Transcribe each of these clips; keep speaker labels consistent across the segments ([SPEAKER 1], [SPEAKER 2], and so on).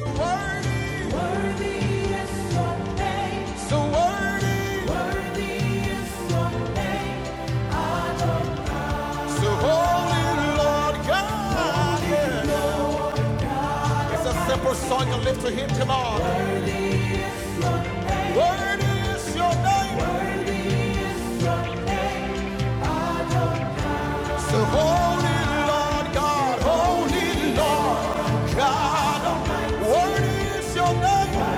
[SPEAKER 1] So worthy, so holy, Lord God. Yeah. It's a simple song you lift to Him tomorrow. Worthy is your name, so holy, Lord God, holy Lord God. Worthy is your name,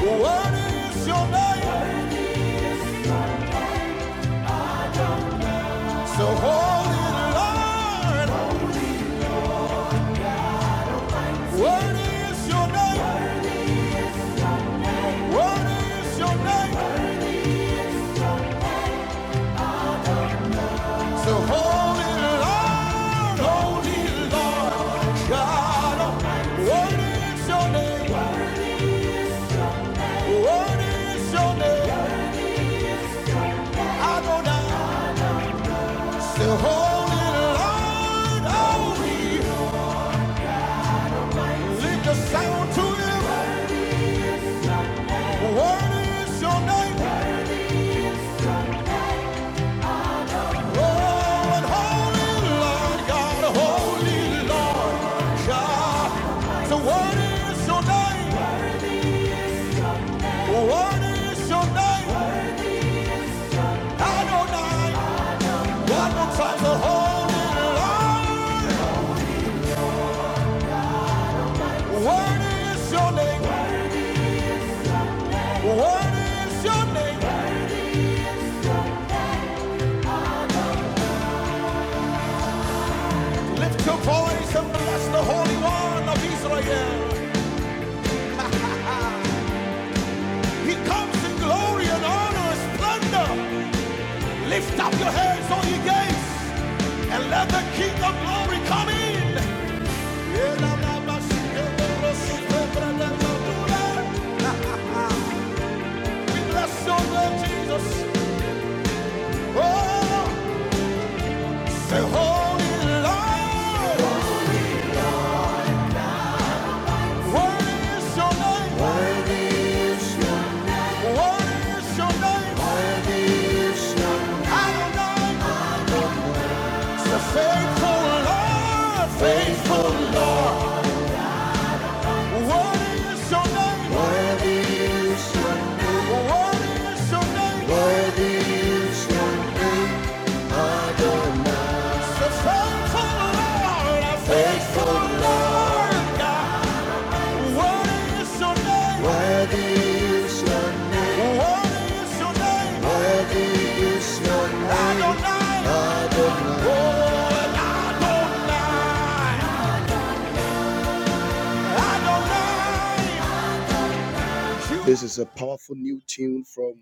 [SPEAKER 1] worthy is your name, so holy, Lord. Worthy is your name, worthy is your name. So hold it, Lord, hold it, Lord. God, oh, word is your name, word is your name. I go down. So hold it, Lord, hold it. Lift a sound to him. Word is your name. Oh, and hold it, Lord, God, hold it, Lord, God. So word is your name, word is your name. I go down. What no tribes are holding along. Worthy your name. Worthy your name. Lift your voice and bless the Holy One of Israel. He comes in glory and honor and splendor. Lift up your hands, O your gates, and let the King of glory come in. We bless your name, Jesus. Oh, the Holy Lord. Faithful Lord, faithful Lord God. Worthy your name. Worthy your name. Worthy your name. Worthy your name. Adonai. Adonai. This is a powerful new tune from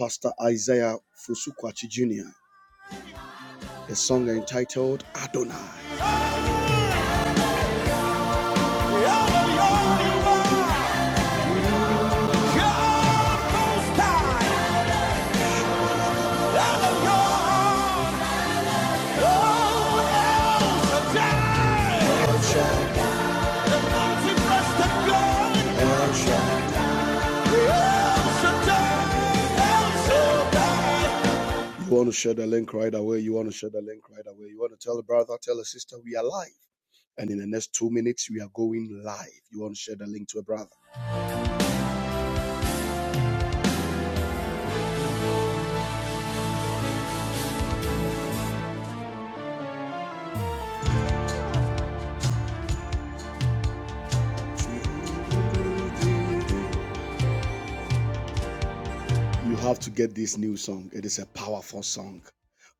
[SPEAKER 1] Pastor Isaiah Fusukwachi Jr. A song entitled Adonai. Adonai. You want to share the link right away. You want to share the link right away. You want to tell a brother, tell a sister, we are live. And in the next two minutes, we are going live. You want to share the link to a brother. You have to get this new song. It is a powerful song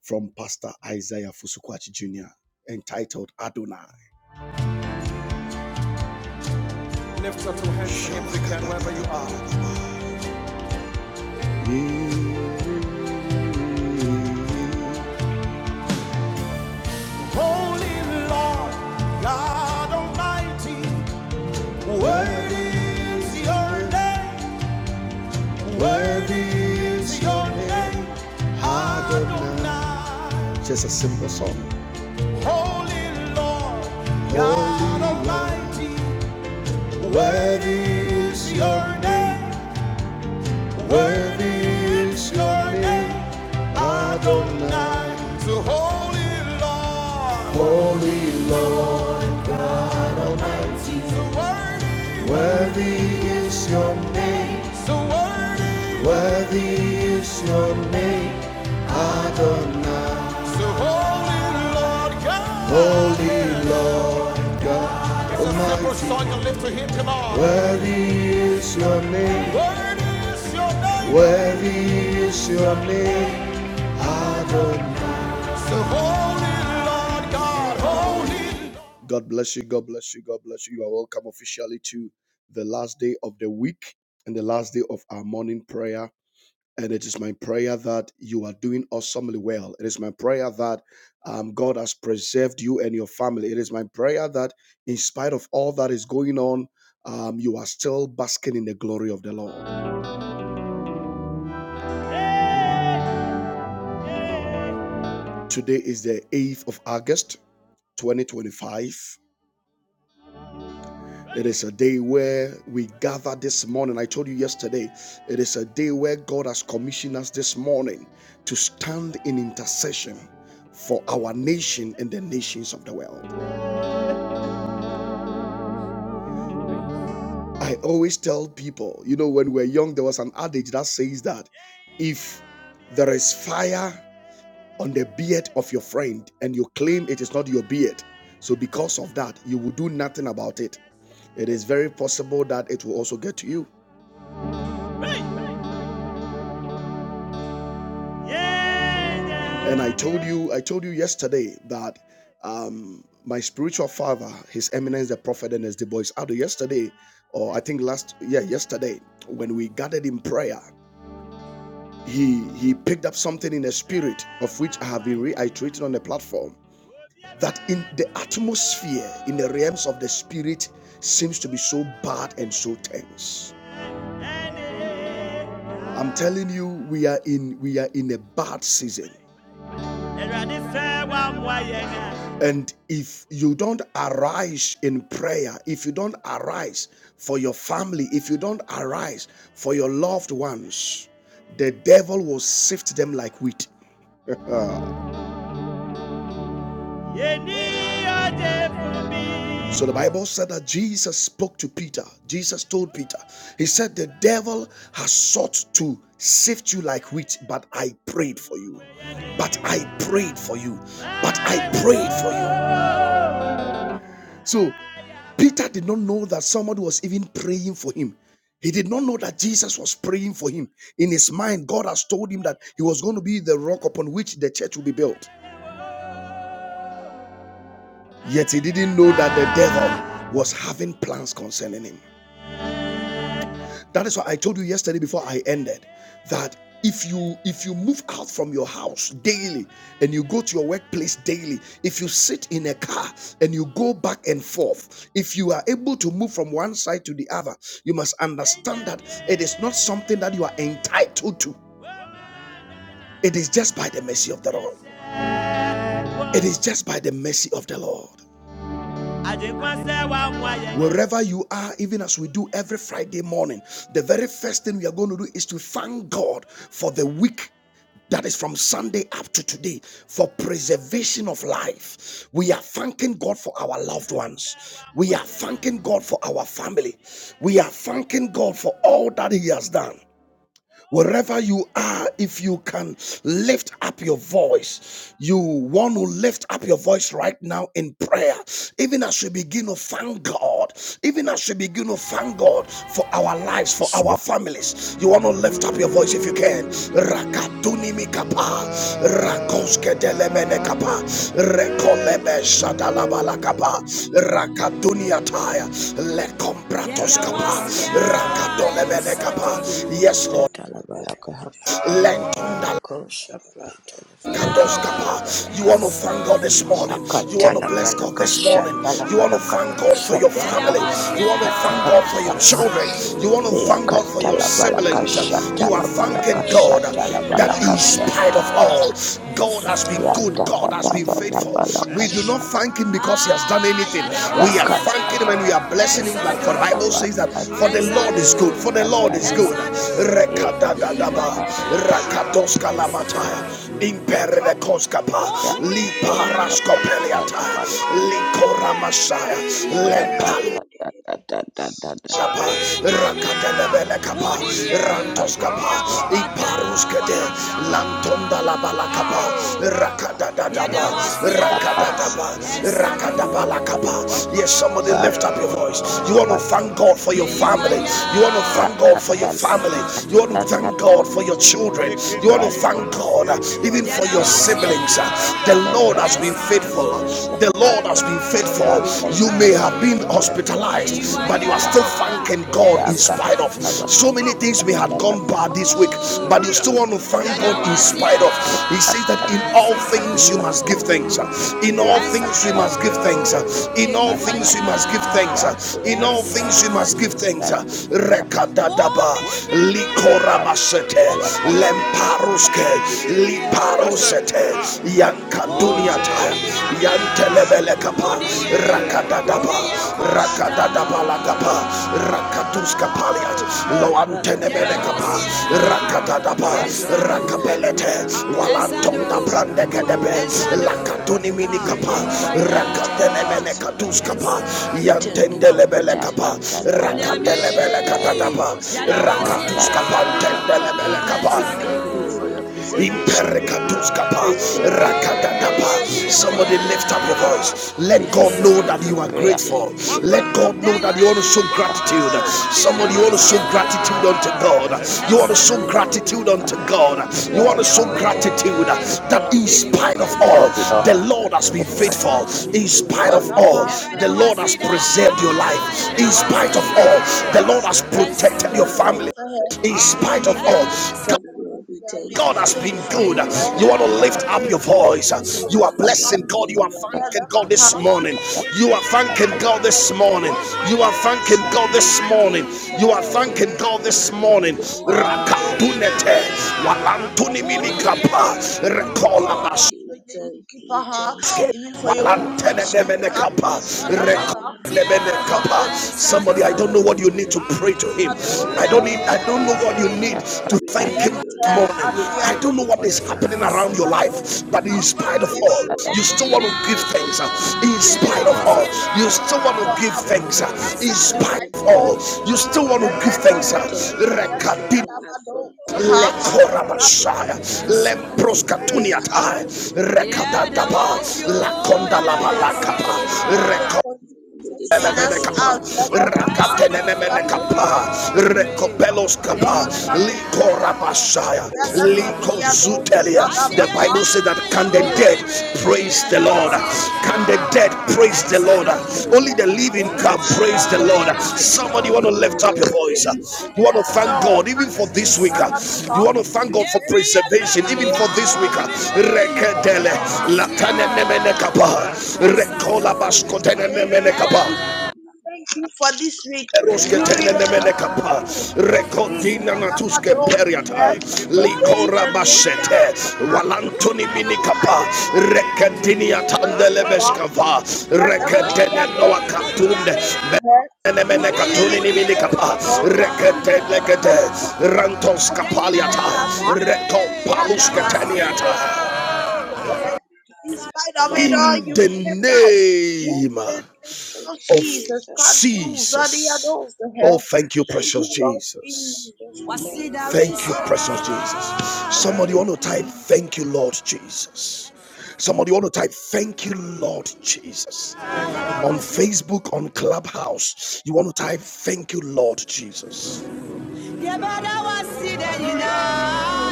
[SPEAKER 1] from Pastor Isaiah Fusukwachi Jr. entitled Adonai. Lift up your hands and if you can, wherever you are. Holy Lord, God Almighty, worthy is your name. Worthy is your name, Adonai. Just a simple song. Holy Lord, God Almighty, worthy is your name, worthy is your name, Adonai, the Holy Lord, Holy Lord God Almighty, so worthy, worthy is your name, so worthy, worthy is your name, Adonai. so holy Lord God. Holy Lord God Almighty. It's a Almighty, song you lift to Him, come on. worthy is your name, Worthy is your name, worthy is your name, so God, God bless you. God bless you. God bless you. You are welcome officially to the last day of the week and the last day of our morning prayer. And it is my prayer that you are doing awesomely well. It is my prayer that um, God has preserved you and your family. It is my prayer that, in spite of all that is going on, um, you are still basking in the glory of the Lord. Today is the 8th of August, 2025. It is a day where we gather this morning. I told you yesterday, it is a day where God has commissioned us this morning to stand in intercession for our nation and the nations of the world. I always tell people, you know, when we're young, there was an adage that says that if there is fire on the beard of your friend and you claim it is not your beard, so because of that, you will do nothing about it. It is very possible that it will also get to you. And I told you, I told you yesterday that um, my spiritual father, His Eminence the Prophet and His Du Bois, out yesterday, or I think last, yeah, yesterday, when we gathered in prayer, he he picked up something in the spirit of which I have been reiterating on the platform. That in the atmosphere, in the realms of the spirit, seems to be so bad and so tense. I'm telling you, we are in we are in a bad season. And if you don't arise in prayer, if you don't arise for your family, if you don't arise for your loved ones, the devil will sift them like wheat. So the Bible said that Jesus spoke to Peter. Jesus told Peter, He said, The devil has sought to sift you like wheat, but I prayed for you. But I prayed for you. But I prayed for you. So Peter did not know that somebody was even praying for him. He did not know that Jesus was praying for him. In his mind, God has told him that he was going to be the rock upon which the church will be built. Yet he didn't know that the devil was having plans concerning him. That is why I told you yesterday before I ended that if you if you move out from your house daily and you go to your workplace daily if you sit in a car and you go back and forth if you are able to move from one side to the other you must understand that it is not something that you are entitled to it is just by the mercy of the lord it is just by the mercy of the lord Wherever you are, even as we do every Friday morning, the very first thing we are going to do is to thank God for the week that is from Sunday up to today for preservation of life. We are thanking God for our loved ones. We are thanking God for our family. We are thanking God for all that He has done. Wherever you are, if you can lift up your voice, you want to lift up your voice right now in prayer. Even as you begin to thank God, even as you begin to thank God for our lives, for our families, you want to lift up your voice if you can. Rakatuni mikapa, rakoske delemene kapa, rekolebe shadalabala kapa, rakatuni ataya, lekompratos kapa, rakadolebene
[SPEAKER 2] Thank you,
[SPEAKER 1] kapa. Yes, Lord.
[SPEAKER 2] Holy
[SPEAKER 3] Talabalakaha,
[SPEAKER 1] Lentunda
[SPEAKER 3] Koshapa, Telefeleka,
[SPEAKER 1] you want to
[SPEAKER 3] Talabalakaha,
[SPEAKER 1] thank God this morning.
[SPEAKER 3] Yaka,
[SPEAKER 1] You want to bless God
[SPEAKER 3] Talabalaka,
[SPEAKER 1] this morning. You want to
[SPEAKER 2] Spirit.
[SPEAKER 1] thank
[SPEAKER 3] Shatalabalakato,
[SPEAKER 1] God for your
[SPEAKER 3] Shopra,
[SPEAKER 1] family. You want to
[SPEAKER 3] Talabalaka,
[SPEAKER 1] thank God for your
[SPEAKER 3] Talabalakaha,
[SPEAKER 1] children. You want to thank
[SPEAKER 3] Yaka,
[SPEAKER 1] God for your
[SPEAKER 2] We thank
[SPEAKER 3] Talabalaka,
[SPEAKER 1] siblings.
[SPEAKER 2] you,
[SPEAKER 1] You are
[SPEAKER 2] merciful
[SPEAKER 1] thanking
[SPEAKER 3] Shatalabalaka,
[SPEAKER 2] God.
[SPEAKER 1] God that
[SPEAKER 2] Father,
[SPEAKER 3] Shatalabalaka,
[SPEAKER 1] in
[SPEAKER 2] we thank
[SPEAKER 1] spite
[SPEAKER 2] you
[SPEAKER 1] of
[SPEAKER 2] for the
[SPEAKER 3] Shatalabaha,
[SPEAKER 1] all,
[SPEAKER 2] life of our
[SPEAKER 1] God has been
[SPEAKER 2] family.
[SPEAKER 1] good.
[SPEAKER 3] Yata,
[SPEAKER 1] God
[SPEAKER 2] We
[SPEAKER 1] has
[SPEAKER 3] Tata,
[SPEAKER 1] been
[SPEAKER 2] thank you for
[SPEAKER 1] faithful.
[SPEAKER 3] Tatabalaka,
[SPEAKER 1] We
[SPEAKER 2] protection.
[SPEAKER 1] do
[SPEAKER 2] We
[SPEAKER 1] not
[SPEAKER 3] Shataha,
[SPEAKER 2] thank
[SPEAKER 1] thank Him
[SPEAKER 2] you for
[SPEAKER 1] because He has done anything.
[SPEAKER 2] preservation.
[SPEAKER 1] We are
[SPEAKER 3] Yaka,
[SPEAKER 2] We thank
[SPEAKER 1] thanking Him
[SPEAKER 2] you,
[SPEAKER 3] Talabalaka,
[SPEAKER 1] and we are
[SPEAKER 2] Heavenly
[SPEAKER 1] blessing Him.
[SPEAKER 2] Father.
[SPEAKER 1] Like for
[SPEAKER 3] Talabalaka, Shatalabalaka, Talabalaka,
[SPEAKER 1] the
[SPEAKER 3] Yaka,
[SPEAKER 2] We
[SPEAKER 1] Bible
[SPEAKER 2] give you
[SPEAKER 1] says
[SPEAKER 2] the
[SPEAKER 1] that
[SPEAKER 3] Talabalaka,
[SPEAKER 2] sound
[SPEAKER 1] for the
[SPEAKER 2] of
[SPEAKER 1] Lord
[SPEAKER 2] your
[SPEAKER 1] is good.
[SPEAKER 2] mark,
[SPEAKER 1] For
[SPEAKER 2] of
[SPEAKER 1] the
[SPEAKER 2] the
[SPEAKER 1] Lord is good.
[SPEAKER 2] Heavenly. Lord God. I love
[SPEAKER 3] Shatalabalaka,
[SPEAKER 2] you, The Son, we give you the mark, God, of the sound of your mark, God.
[SPEAKER 1] Imperre
[SPEAKER 2] Thank you, Holy
[SPEAKER 1] koskapa,
[SPEAKER 2] Spirit.
[SPEAKER 1] li
[SPEAKER 2] Thank you, Spirit.
[SPEAKER 1] paraskopeliata,
[SPEAKER 2] Thank you,
[SPEAKER 1] li
[SPEAKER 2] Heavenly Father.
[SPEAKER 1] koramasaya,
[SPEAKER 2] Thank you,
[SPEAKER 3] ya
[SPEAKER 2] Jesus.
[SPEAKER 3] ka
[SPEAKER 1] lempali
[SPEAKER 3] ta
[SPEAKER 2] Mount
[SPEAKER 3] ta
[SPEAKER 2] it, it, did
[SPEAKER 3] ta ta
[SPEAKER 2] it,
[SPEAKER 3] ta ta ta ta
[SPEAKER 1] Kapa,
[SPEAKER 2] Sean,
[SPEAKER 3] ba
[SPEAKER 2] did it. Shandelia,
[SPEAKER 3] ko
[SPEAKER 2] mark, God, da, da,
[SPEAKER 1] Rakatelebele
[SPEAKER 2] da, da,
[SPEAKER 1] Kapa,
[SPEAKER 2] da.
[SPEAKER 3] ka
[SPEAKER 1] Rantos Kapa,
[SPEAKER 2] Da, da, da,
[SPEAKER 1] Iparus
[SPEAKER 2] da, da, da,
[SPEAKER 1] Kede,
[SPEAKER 2] da, da.
[SPEAKER 1] Lantonda la
[SPEAKER 2] Shandelia,
[SPEAKER 1] Bala
[SPEAKER 2] mark,
[SPEAKER 1] Kapa,
[SPEAKER 2] God. Father,
[SPEAKER 1] Rakadadadaba,
[SPEAKER 3] ya ka
[SPEAKER 1] Rakadadaba, Rakadabala
[SPEAKER 3] pa
[SPEAKER 1] Kapa. Yes, somebody
[SPEAKER 3] ras
[SPEAKER 1] lift up your voice. You want to
[SPEAKER 3] pa
[SPEAKER 1] thank God for your family. You want to
[SPEAKER 3] ya
[SPEAKER 1] thank God
[SPEAKER 3] ka
[SPEAKER 1] for your
[SPEAKER 3] ta
[SPEAKER 1] family. You want
[SPEAKER 2] we
[SPEAKER 3] ta
[SPEAKER 1] to
[SPEAKER 3] ta
[SPEAKER 1] thank
[SPEAKER 2] thank you,
[SPEAKER 1] God for
[SPEAKER 2] we
[SPEAKER 1] your
[SPEAKER 2] thank you,
[SPEAKER 1] children.
[SPEAKER 2] we
[SPEAKER 1] You
[SPEAKER 2] thank
[SPEAKER 1] want to
[SPEAKER 2] you.
[SPEAKER 3] ras ta
[SPEAKER 1] thank God uh,
[SPEAKER 2] Merciful
[SPEAKER 1] even
[SPEAKER 2] God,
[SPEAKER 1] for your
[SPEAKER 2] we thank
[SPEAKER 3] ta
[SPEAKER 2] you
[SPEAKER 1] siblings.
[SPEAKER 2] for
[SPEAKER 1] Uh,
[SPEAKER 2] our
[SPEAKER 1] The
[SPEAKER 2] life.
[SPEAKER 3] ta
[SPEAKER 2] We
[SPEAKER 1] Lord
[SPEAKER 2] thank
[SPEAKER 1] has
[SPEAKER 3] ba
[SPEAKER 2] you
[SPEAKER 1] been
[SPEAKER 2] for the
[SPEAKER 1] faithful.
[SPEAKER 3] ya
[SPEAKER 2] protection
[SPEAKER 1] The
[SPEAKER 2] of
[SPEAKER 3] ka
[SPEAKER 2] our
[SPEAKER 1] Lord
[SPEAKER 3] to
[SPEAKER 1] has been
[SPEAKER 2] family.
[SPEAKER 1] faithful.
[SPEAKER 3] ba
[SPEAKER 1] God.
[SPEAKER 2] We
[SPEAKER 3] ta
[SPEAKER 2] thank
[SPEAKER 1] You
[SPEAKER 2] you
[SPEAKER 3] la
[SPEAKER 1] may
[SPEAKER 2] for
[SPEAKER 1] have
[SPEAKER 2] your
[SPEAKER 1] been
[SPEAKER 3] la la
[SPEAKER 2] mercy upon
[SPEAKER 1] hospitalized,
[SPEAKER 2] our
[SPEAKER 1] but you
[SPEAKER 3] ba
[SPEAKER 1] are
[SPEAKER 3] la
[SPEAKER 2] head.
[SPEAKER 1] still
[SPEAKER 3] ba
[SPEAKER 2] We
[SPEAKER 1] thanking
[SPEAKER 2] thank
[SPEAKER 1] God
[SPEAKER 3] ya
[SPEAKER 1] in
[SPEAKER 2] you
[SPEAKER 3] ka
[SPEAKER 2] for
[SPEAKER 1] spite
[SPEAKER 3] ta
[SPEAKER 1] of.
[SPEAKER 3] la ba
[SPEAKER 1] So
[SPEAKER 2] everything that
[SPEAKER 1] many
[SPEAKER 2] you
[SPEAKER 1] things
[SPEAKER 2] are
[SPEAKER 1] may
[SPEAKER 3] da
[SPEAKER 1] have
[SPEAKER 2] doing
[SPEAKER 3] da da
[SPEAKER 1] gone
[SPEAKER 2] for
[SPEAKER 1] bad this week,
[SPEAKER 2] us.
[SPEAKER 1] but you
[SPEAKER 2] Monday,
[SPEAKER 1] still want to thank God
[SPEAKER 2] Sunday,
[SPEAKER 1] in spite of. He says that in all things you must give thanks.
[SPEAKER 2] Maka da da
[SPEAKER 1] In
[SPEAKER 2] da
[SPEAKER 3] ya
[SPEAKER 1] all
[SPEAKER 2] da da
[SPEAKER 3] kan
[SPEAKER 1] things you must give
[SPEAKER 2] Sunday,
[SPEAKER 1] thanks. In all
[SPEAKER 3] da da
[SPEAKER 2] Monday,
[SPEAKER 1] things you must give
[SPEAKER 3] ya la ba
[SPEAKER 1] thanks.
[SPEAKER 2] Father
[SPEAKER 1] In all things you must give thanks. Rekadadaba,
[SPEAKER 3] ya ka ta
[SPEAKER 2] Lord,
[SPEAKER 1] likorabasete,
[SPEAKER 2] we
[SPEAKER 3] la
[SPEAKER 2] thank
[SPEAKER 3] kan
[SPEAKER 2] you.
[SPEAKER 3] da
[SPEAKER 2] Father
[SPEAKER 3] da
[SPEAKER 1] lemparuske,
[SPEAKER 2] Lord, we thank
[SPEAKER 3] da
[SPEAKER 2] you. We thank you. We thank
[SPEAKER 1] liparosete,
[SPEAKER 2] you. We thank
[SPEAKER 1] Rankaduliataya,
[SPEAKER 2] you for your mercy, O
[SPEAKER 1] Yantelebelekapa,
[SPEAKER 2] Lord. Ram de de
[SPEAKER 1] Rakadadaba,
[SPEAKER 2] de de de de shandidia
[SPEAKER 1] Rakadadabalakapa,
[SPEAKER 2] ramaka da da da da
[SPEAKER 1] Rakatuskapaliat,
[SPEAKER 2] da manga da da da da
[SPEAKER 1] Loantenebelekapa,
[SPEAKER 2] shandidia man
[SPEAKER 1] Rakadadaba,
[SPEAKER 2] de de de de de
[SPEAKER 1] Rakabelete,
[SPEAKER 2] ram de de de de
[SPEAKER 1] Walantonda
[SPEAKER 2] de
[SPEAKER 1] Brandekadebe,
[SPEAKER 2] shandidia maka da da da da
[SPEAKER 1] Lakatuniminikapa,
[SPEAKER 2] Father Lord, we thank you this morning, O Lord.
[SPEAKER 1] Rakatelebelekatuskapa,
[SPEAKER 2] We thank you for
[SPEAKER 3] ya
[SPEAKER 2] protecting
[SPEAKER 3] ka
[SPEAKER 1] Yantendelebelekapa,
[SPEAKER 3] ta
[SPEAKER 2] our
[SPEAKER 3] ta la ba la ka ta la ka ya ka ta la ka ta la ba ya ka ta la ba
[SPEAKER 2] family,
[SPEAKER 3] la
[SPEAKER 2] O
[SPEAKER 3] ka
[SPEAKER 2] Lord.
[SPEAKER 3] sha ta
[SPEAKER 2] We
[SPEAKER 3] ba
[SPEAKER 2] thank you
[SPEAKER 1] Rakatelebelekatadaba,
[SPEAKER 2] for saving our
[SPEAKER 3] ya ka
[SPEAKER 2] family
[SPEAKER 1] Rakatuskapa,
[SPEAKER 2] from a lot, O Lord. We
[SPEAKER 1] Tendelebelekapa,
[SPEAKER 2] thank you for your preservation, O Lord.
[SPEAKER 1] Imperekatuskapa,
[SPEAKER 2] We thank you for your
[SPEAKER 1] rakadadapa.
[SPEAKER 2] mercy upon
[SPEAKER 1] Somebody
[SPEAKER 2] our
[SPEAKER 1] lift up
[SPEAKER 2] head,
[SPEAKER 1] your
[SPEAKER 2] O Lord.
[SPEAKER 1] voice. Let
[SPEAKER 2] We
[SPEAKER 1] God
[SPEAKER 2] thank
[SPEAKER 1] know
[SPEAKER 2] you,
[SPEAKER 1] that you are
[SPEAKER 2] Lord. We
[SPEAKER 3] ya
[SPEAKER 1] grateful.
[SPEAKER 2] thank you,
[SPEAKER 1] Let
[SPEAKER 2] Lord.
[SPEAKER 1] God know that you want
[SPEAKER 2] Mande
[SPEAKER 1] to
[SPEAKER 2] di
[SPEAKER 1] show
[SPEAKER 2] di di
[SPEAKER 3] ka
[SPEAKER 2] di
[SPEAKER 1] gratitude.
[SPEAKER 2] sa di li
[SPEAKER 1] Somebody you
[SPEAKER 2] ya
[SPEAKER 1] want to
[SPEAKER 2] ra
[SPEAKER 1] show
[SPEAKER 2] ma ga
[SPEAKER 1] gratitude
[SPEAKER 2] da
[SPEAKER 1] unto
[SPEAKER 2] da da da
[SPEAKER 1] God.
[SPEAKER 2] da.
[SPEAKER 1] You want to
[SPEAKER 2] Thank
[SPEAKER 1] show
[SPEAKER 2] you, Heavenly
[SPEAKER 1] gratitude unto
[SPEAKER 2] Father.
[SPEAKER 1] God.
[SPEAKER 2] Thank you,
[SPEAKER 1] You want to
[SPEAKER 2] thank
[SPEAKER 1] show
[SPEAKER 2] you, thank you.
[SPEAKER 1] gratitude that in
[SPEAKER 2] Thank you for
[SPEAKER 1] spite of
[SPEAKER 2] saving
[SPEAKER 1] all,
[SPEAKER 2] us
[SPEAKER 3] oh
[SPEAKER 2] from
[SPEAKER 1] the
[SPEAKER 2] the
[SPEAKER 1] Lord
[SPEAKER 2] hands
[SPEAKER 1] has
[SPEAKER 2] of
[SPEAKER 3] Tala bala kasha, tala bala kasha, tala bala kasha, tala bala kasha. Tala bala
[SPEAKER 1] been
[SPEAKER 2] our
[SPEAKER 1] faithful. In
[SPEAKER 2] enemies, O
[SPEAKER 1] spite
[SPEAKER 2] Lord.
[SPEAKER 1] of all,
[SPEAKER 2] Father,
[SPEAKER 1] the Lord has
[SPEAKER 2] we bless your
[SPEAKER 1] preserved your
[SPEAKER 2] name, O
[SPEAKER 1] life.
[SPEAKER 2] Lord.
[SPEAKER 1] In spite of all, the Lord has
[SPEAKER 2] Mandididididisandidia
[SPEAKER 1] protected your family. In spite of
[SPEAKER 2] ramakatatatata.
[SPEAKER 1] all, God
[SPEAKER 2] Father, Lord, we thank
[SPEAKER 1] God
[SPEAKER 2] you,
[SPEAKER 1] has
[SPEAKER 2] we
[SPEAKER 1] been
[SPEAKER 2] thank
[SPEAKER 1] good.
[SPEAKER 2] you, we
[SPEAKER 1] You
[SPEAKER 2] thank
[SPEAKER 1] want to
[SPEAKER 2] you.
[SPEAKER 1] lift up your
[SPEAKER 2] Mande de
[SPEAKER 1] voice.
[SPEAKER 2] de de de
[SPEAKER 1] You are
[SPEAKER 2] de
[SPEAKER 1] blessing
[SPEAKER 2] sande
[SPEAKER 1] God. You are
[SPEAKER 2] dia ma
[SPEAKER 1] thanking
[SPEAKER 2] ga
[SPEAKER 1] God
[SPEAKER 2] da
[SPEAKER 1] this
[SPEAKER 2] da da da.
[SPEAKER 1] morning. You are thanking God this
[SPEAKER 2] Lord, we
[SPEAKER 1] morning. You are thanking God this morning. You are thanking God this morning. Rakadunete, walantuniminikapa,
[SPEAKER 2] thank you, we thank you, we thank you.
[SPEAKER 1] Somebody, I don't
[SPEAKER 2] Father,
[SPEAKER 1] know
[SPEAKER 2] Lord,
[SPEAKER 1] what you
[SPEAKER 2] we
[SPEAKER 1] need to
[SPEAKER 2] thank you
[SPEAKER 1] pray to
[SPEAKER 2] this
[SPEAKER 1] him.
[SPEAKER 2] morning,
[SPEAKER 1] I
[SPEAKER 2] oh
[SPEAKER 1] don't
[SPEAKER 2] Lord.
[SPEAKER 1] need. I don't
[SPEAKER 2] We
[SPEAKER 1] know what you
[SPEAKER 2] thank
[SPEAKER 1] need
[SPEAKER 2] you, Lord.
[SPEAKER 1] to
[SPEAKER 2] We
[SPEAKER 1] thank
[SPEAKER 2] thank
[SPEAKER 1] him
[SPEAKER 2] you,
[SPEAKER 1] this
[SPEAKER 2] Lord.
[SPEAKER 1] morning.
[SPEAKER 2] We
[SPEAKER 1] I
[SPEAKER 2] thank
[SPEAKER 1] don't know
[SPEAKER 2] you
[SPEAKER 1] what
[SPEAKER 2] for the
[SPEAKER 1] is happening
[SPEAKER 2] love.
[SPEAKER 1] around
[SPEAKER 2] oh
[SPEAKER 1] your life, but in spite
[SPEAKER 2] God
[SPEAKER 1] of
[SPEAKER 2] is
[SPEAKER 1] all,
[SPEAKER 2] so
[SPEAKER 1] you
[SPEAKER 2] on
[SPEAKER 1] still want to
[SPEAKER 2] our
[SPEAKER 1] give
[SPEAKER 2] head, O
[SPEAKER 1] thanks.
[SPEAKER 2] Lord.
[SPEAKER 1] In
[SPEAKER 2] We
[SPEAKER 1] spite of
[SPEAKER 2] thank
[SPEAKER 1] all,
[SPEAKER 2] you, O
[SPEAKER 1] you
[SPEAKER 2] Lord.
[SPEAKER 1] still want to give
[SPEAKER 2] Monday,
[SPEAKER 1] thanks. In spite
[SPEAKER 2] Sunday,
[SPEAKER 1] of
[SPEAKER 2] and
[SPEAKER 1] all,
[SPEAKER 2] my
[SPEAKER 1] you
[SPEAKER 2] God, da,
[SPEAKER 1] still
[SPEAKER 2] da,
[SPEAKER 1] want
[SPEAKER 2] da,
[SPEAKER 1] to
[SPEAKER 2] da,
[SPEAKER 1] give
[SPEAKER 2] da.
[SPEAKER 1] thanks.
[SPEAKER 2] Thank you for saving us from all evil. Thank you,
[SPEAKER 1] Lekorabashaya,
[SPEAKER 2] Lord.
[SPEAKER 1] Lempros
[SPEAKER 2] Monday,
[SPEAKER 1] Katuniatai,
[SPEAKER 2] Sunday, and my God.
[SPEAKER 1] Rekadadaba,
[SPEAKER 2] Father, Lord,
[SPEAKER 1] Lakonda
[SPEAKER 2] we bless your
[SPEAKER 1] Labalakapa,
[SPEAKER 2] name, O Lord.
[SPEAKER 1] Rekor.
[SPEAKER 2] Monday,
[SPEAKER 1] Elemenekapa,
[SPEAKER 2] Sunday, and
[SPEAKER 1] Rakatelelemenekapa,
[SPEAKER 2] my God, da,
[SPEAKER 1] Rekopeloskapa,
[SPEAKER 2] da, da, da, da, da, da.
[SPEAKER 1] Likorabashaya,
[SPEAKER 2] Around
[SPEAKER 1] Likozutelia. The Bible says
[SPEAKER 2] the
[SPEAKER 1] that can the
[SPEAKER 2] we take you to the morning. We take you to Monday. Monday, Monday, Monday, Monday,
[SPEAKER 1] dead praise the Lord? Can the dead praise the Lord? Only the living can praise the Lord. Somebody want to lift up your voice. You want to thank God even for this week. You want to thank God for preservation even for this week. Rekedele, Latanenemenekapa,
[SPEAKER 2] Monday, Monday, Monday,
[SPEAKER 1] Rekolabaskotenenemenekapa.
[SPEAKER 2] Monday, Monday.
[SPEAKER 1] Eroske tenenemene rekodina natuske periata likora basete walantoni mini rekedini atambeskava rekeneno akatunde Menemene katuni rekete legete rantos kapa in the name
[SPEAKER 2] Shandy. Oh,
[SPEAKER 1] of
[SPEAKER 2] Jesus. God.
[SPEAKER 1] Jesus. Oh, thank you, precious Jesus.
[SPEAKER 2] Thank you,
[SPEAKER 1] Thank you,
[SPEAKER 2] Jesus.
[SPEAKER 1] precious
[SPEAKER 2] Thank
[SPEAKER 1] Jesus. Somebody want to
[SPEAKER 2] you.
[SPEAKER 1] type, Thank you, Lord Jesus. Somebody want to type, Thank you, Lord Jesus. On Facebook, on Clubhouse, you want to type, Thank you, Lord Jesus.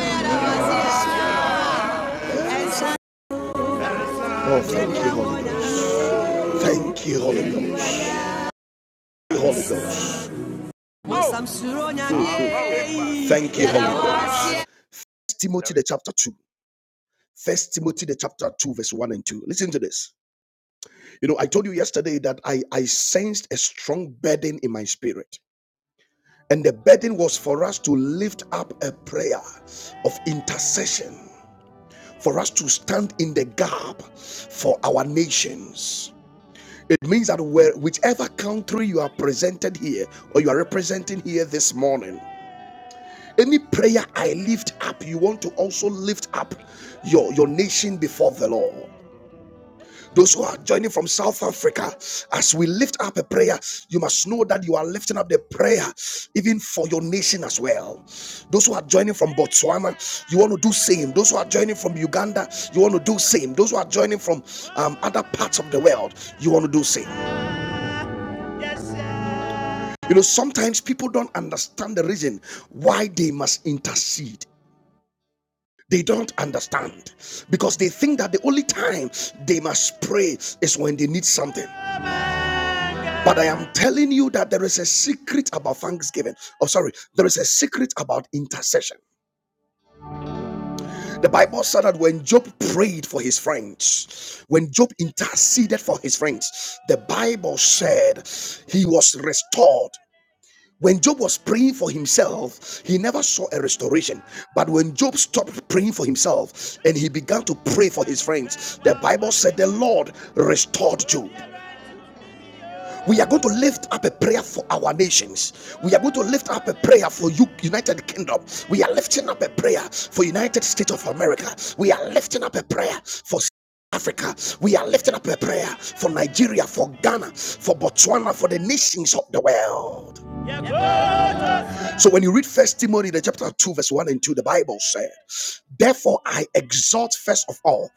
[SPEAKER 1] Oh, thank you, Holy Ghost. Thank you, Holy Ghost. Holy Ghost. Thank you, Holy Ghost. First Timothy the chapter 2. First Timothy the chapter 2, verse 1 and 2. Listen to this. You know, I told you yesterday that I, I sensed a strong burden in my spirit. And the burden was for us to lift up a prayer of intercession, for us to stand in the gap for our nations. It means that where, whichever country you are presented here or you are representing here this morning, any prayer I lift up, you want to also lift up your, your nation before the Lord. Those who are joining from South Africa, as we lift up a prayer, you must know that you are lifting up the prayer even for your nation as well. Those who are joining from Botswana, you want to do same. Those who are joining from Uganda, you want to do same. Those who are joining from um, other parts of the world, you want to do same. Yes, sir. You know, sometimes people don't understand the reason why they must intercede. They don't understand because they think that the only time they must pray is when they need something. But I am telling you that there is a secret about thanksgiving. Oh, sorry, there is a secret about intercession. The Bible said that when Job prayed for his friends, when Job interceded for his friends, the Bible said he was restored. When Job was praying for himself, he never saw a restoration. But when Job stopped praying for himself and he began to pray for his friends, the Bible said the Lord restored Job. We are going to lift up a prayer for our nations. We are going to lift up a prayer for United Kingdom. We are lifting up a prayer for United States of America. We are lifting up a prayer for Africa. We are lifting up a prayer for Nigeria, for Ghana, for Botswana, for the nations of the world. So when you read First Timothy, the chapter two, verse one and two, the Bible said, "Therefore I exhort first of all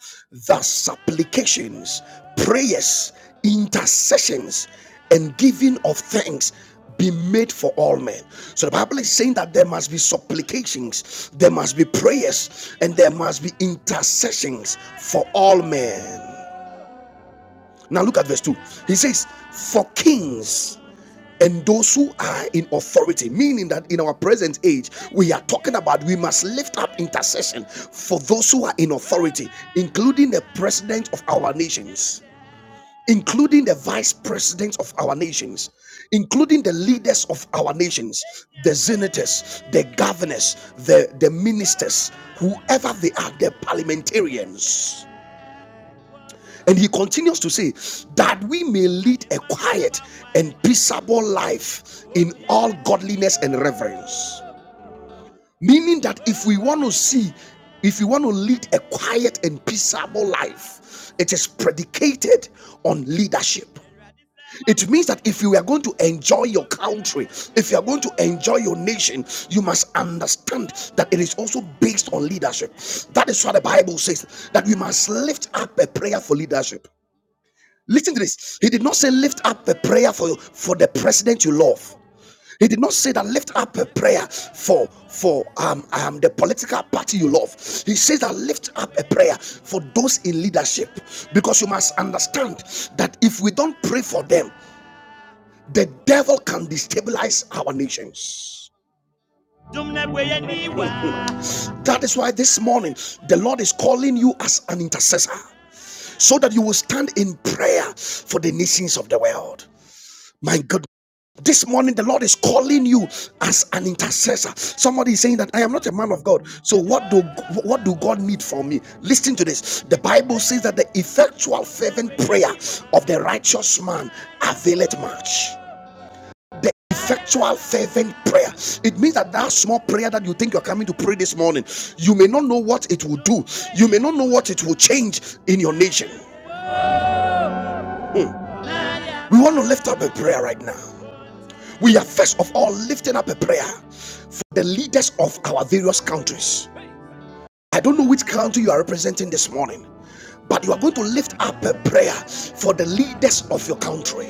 [SPEAKER 1] that supplications, prayers, intercessions, and giving of thanks." Be made for all men. So the Bible is saying that there must be supplications, there must be prayers, and there must be intercessions for all men. Now look at verse 2. He says, For kings and those who are in authority, meaning that in our present age, we are talking about we must lift up intercession for those who are in authority, including the president of our nations, including the vice presidents of our nations, including the leaders of our nations, the senators, the governors, the, the ministers, whoever they are, the parliamentarians. And he continues to say, that we may lead a quiet and peaceable life in all godliness and reverence. Meaning that if we want to see, if we want to lead a quiet and peaceable life, it is predicated on leadership. It means that if you are going to enjoy your country, if you are going to enjoy your nation, you must understand that it is also based on leadership. That is why the Bible says that we must lift up a prayer for leadership. Listen to this. He did not say lift up a prayer for you, for the president you love. He did not say that lift up a prayer for for um, um the political party you love. He says that lift up a prayer for those in leadership because you must understand that if we don't pray for them, the devil can destabilize our nations. That is why this morning the Lord is calling you as an intercessor so that you will stand in prayer for the nations of the world. My goodness. This morning, the Lord is calling you as an intercessor. Somebody is saying that I am not a man of God. So what do what do God need from me? Listen to this. The Bible says that the effectual fervent prayer of the righteous man availeth much. The effectual fervent prayer. It means that that small prayer that you think you're coming to pray this morning, you may not know what it will do. You may not know what it will change in your nation. Hmm. We want to lift up a prayer right now. we are first of all lifting up a prayer for the leaders of our various countries. I don't know which country you are representing this morning, but you are going to lift up a prayer for the leaders of your country.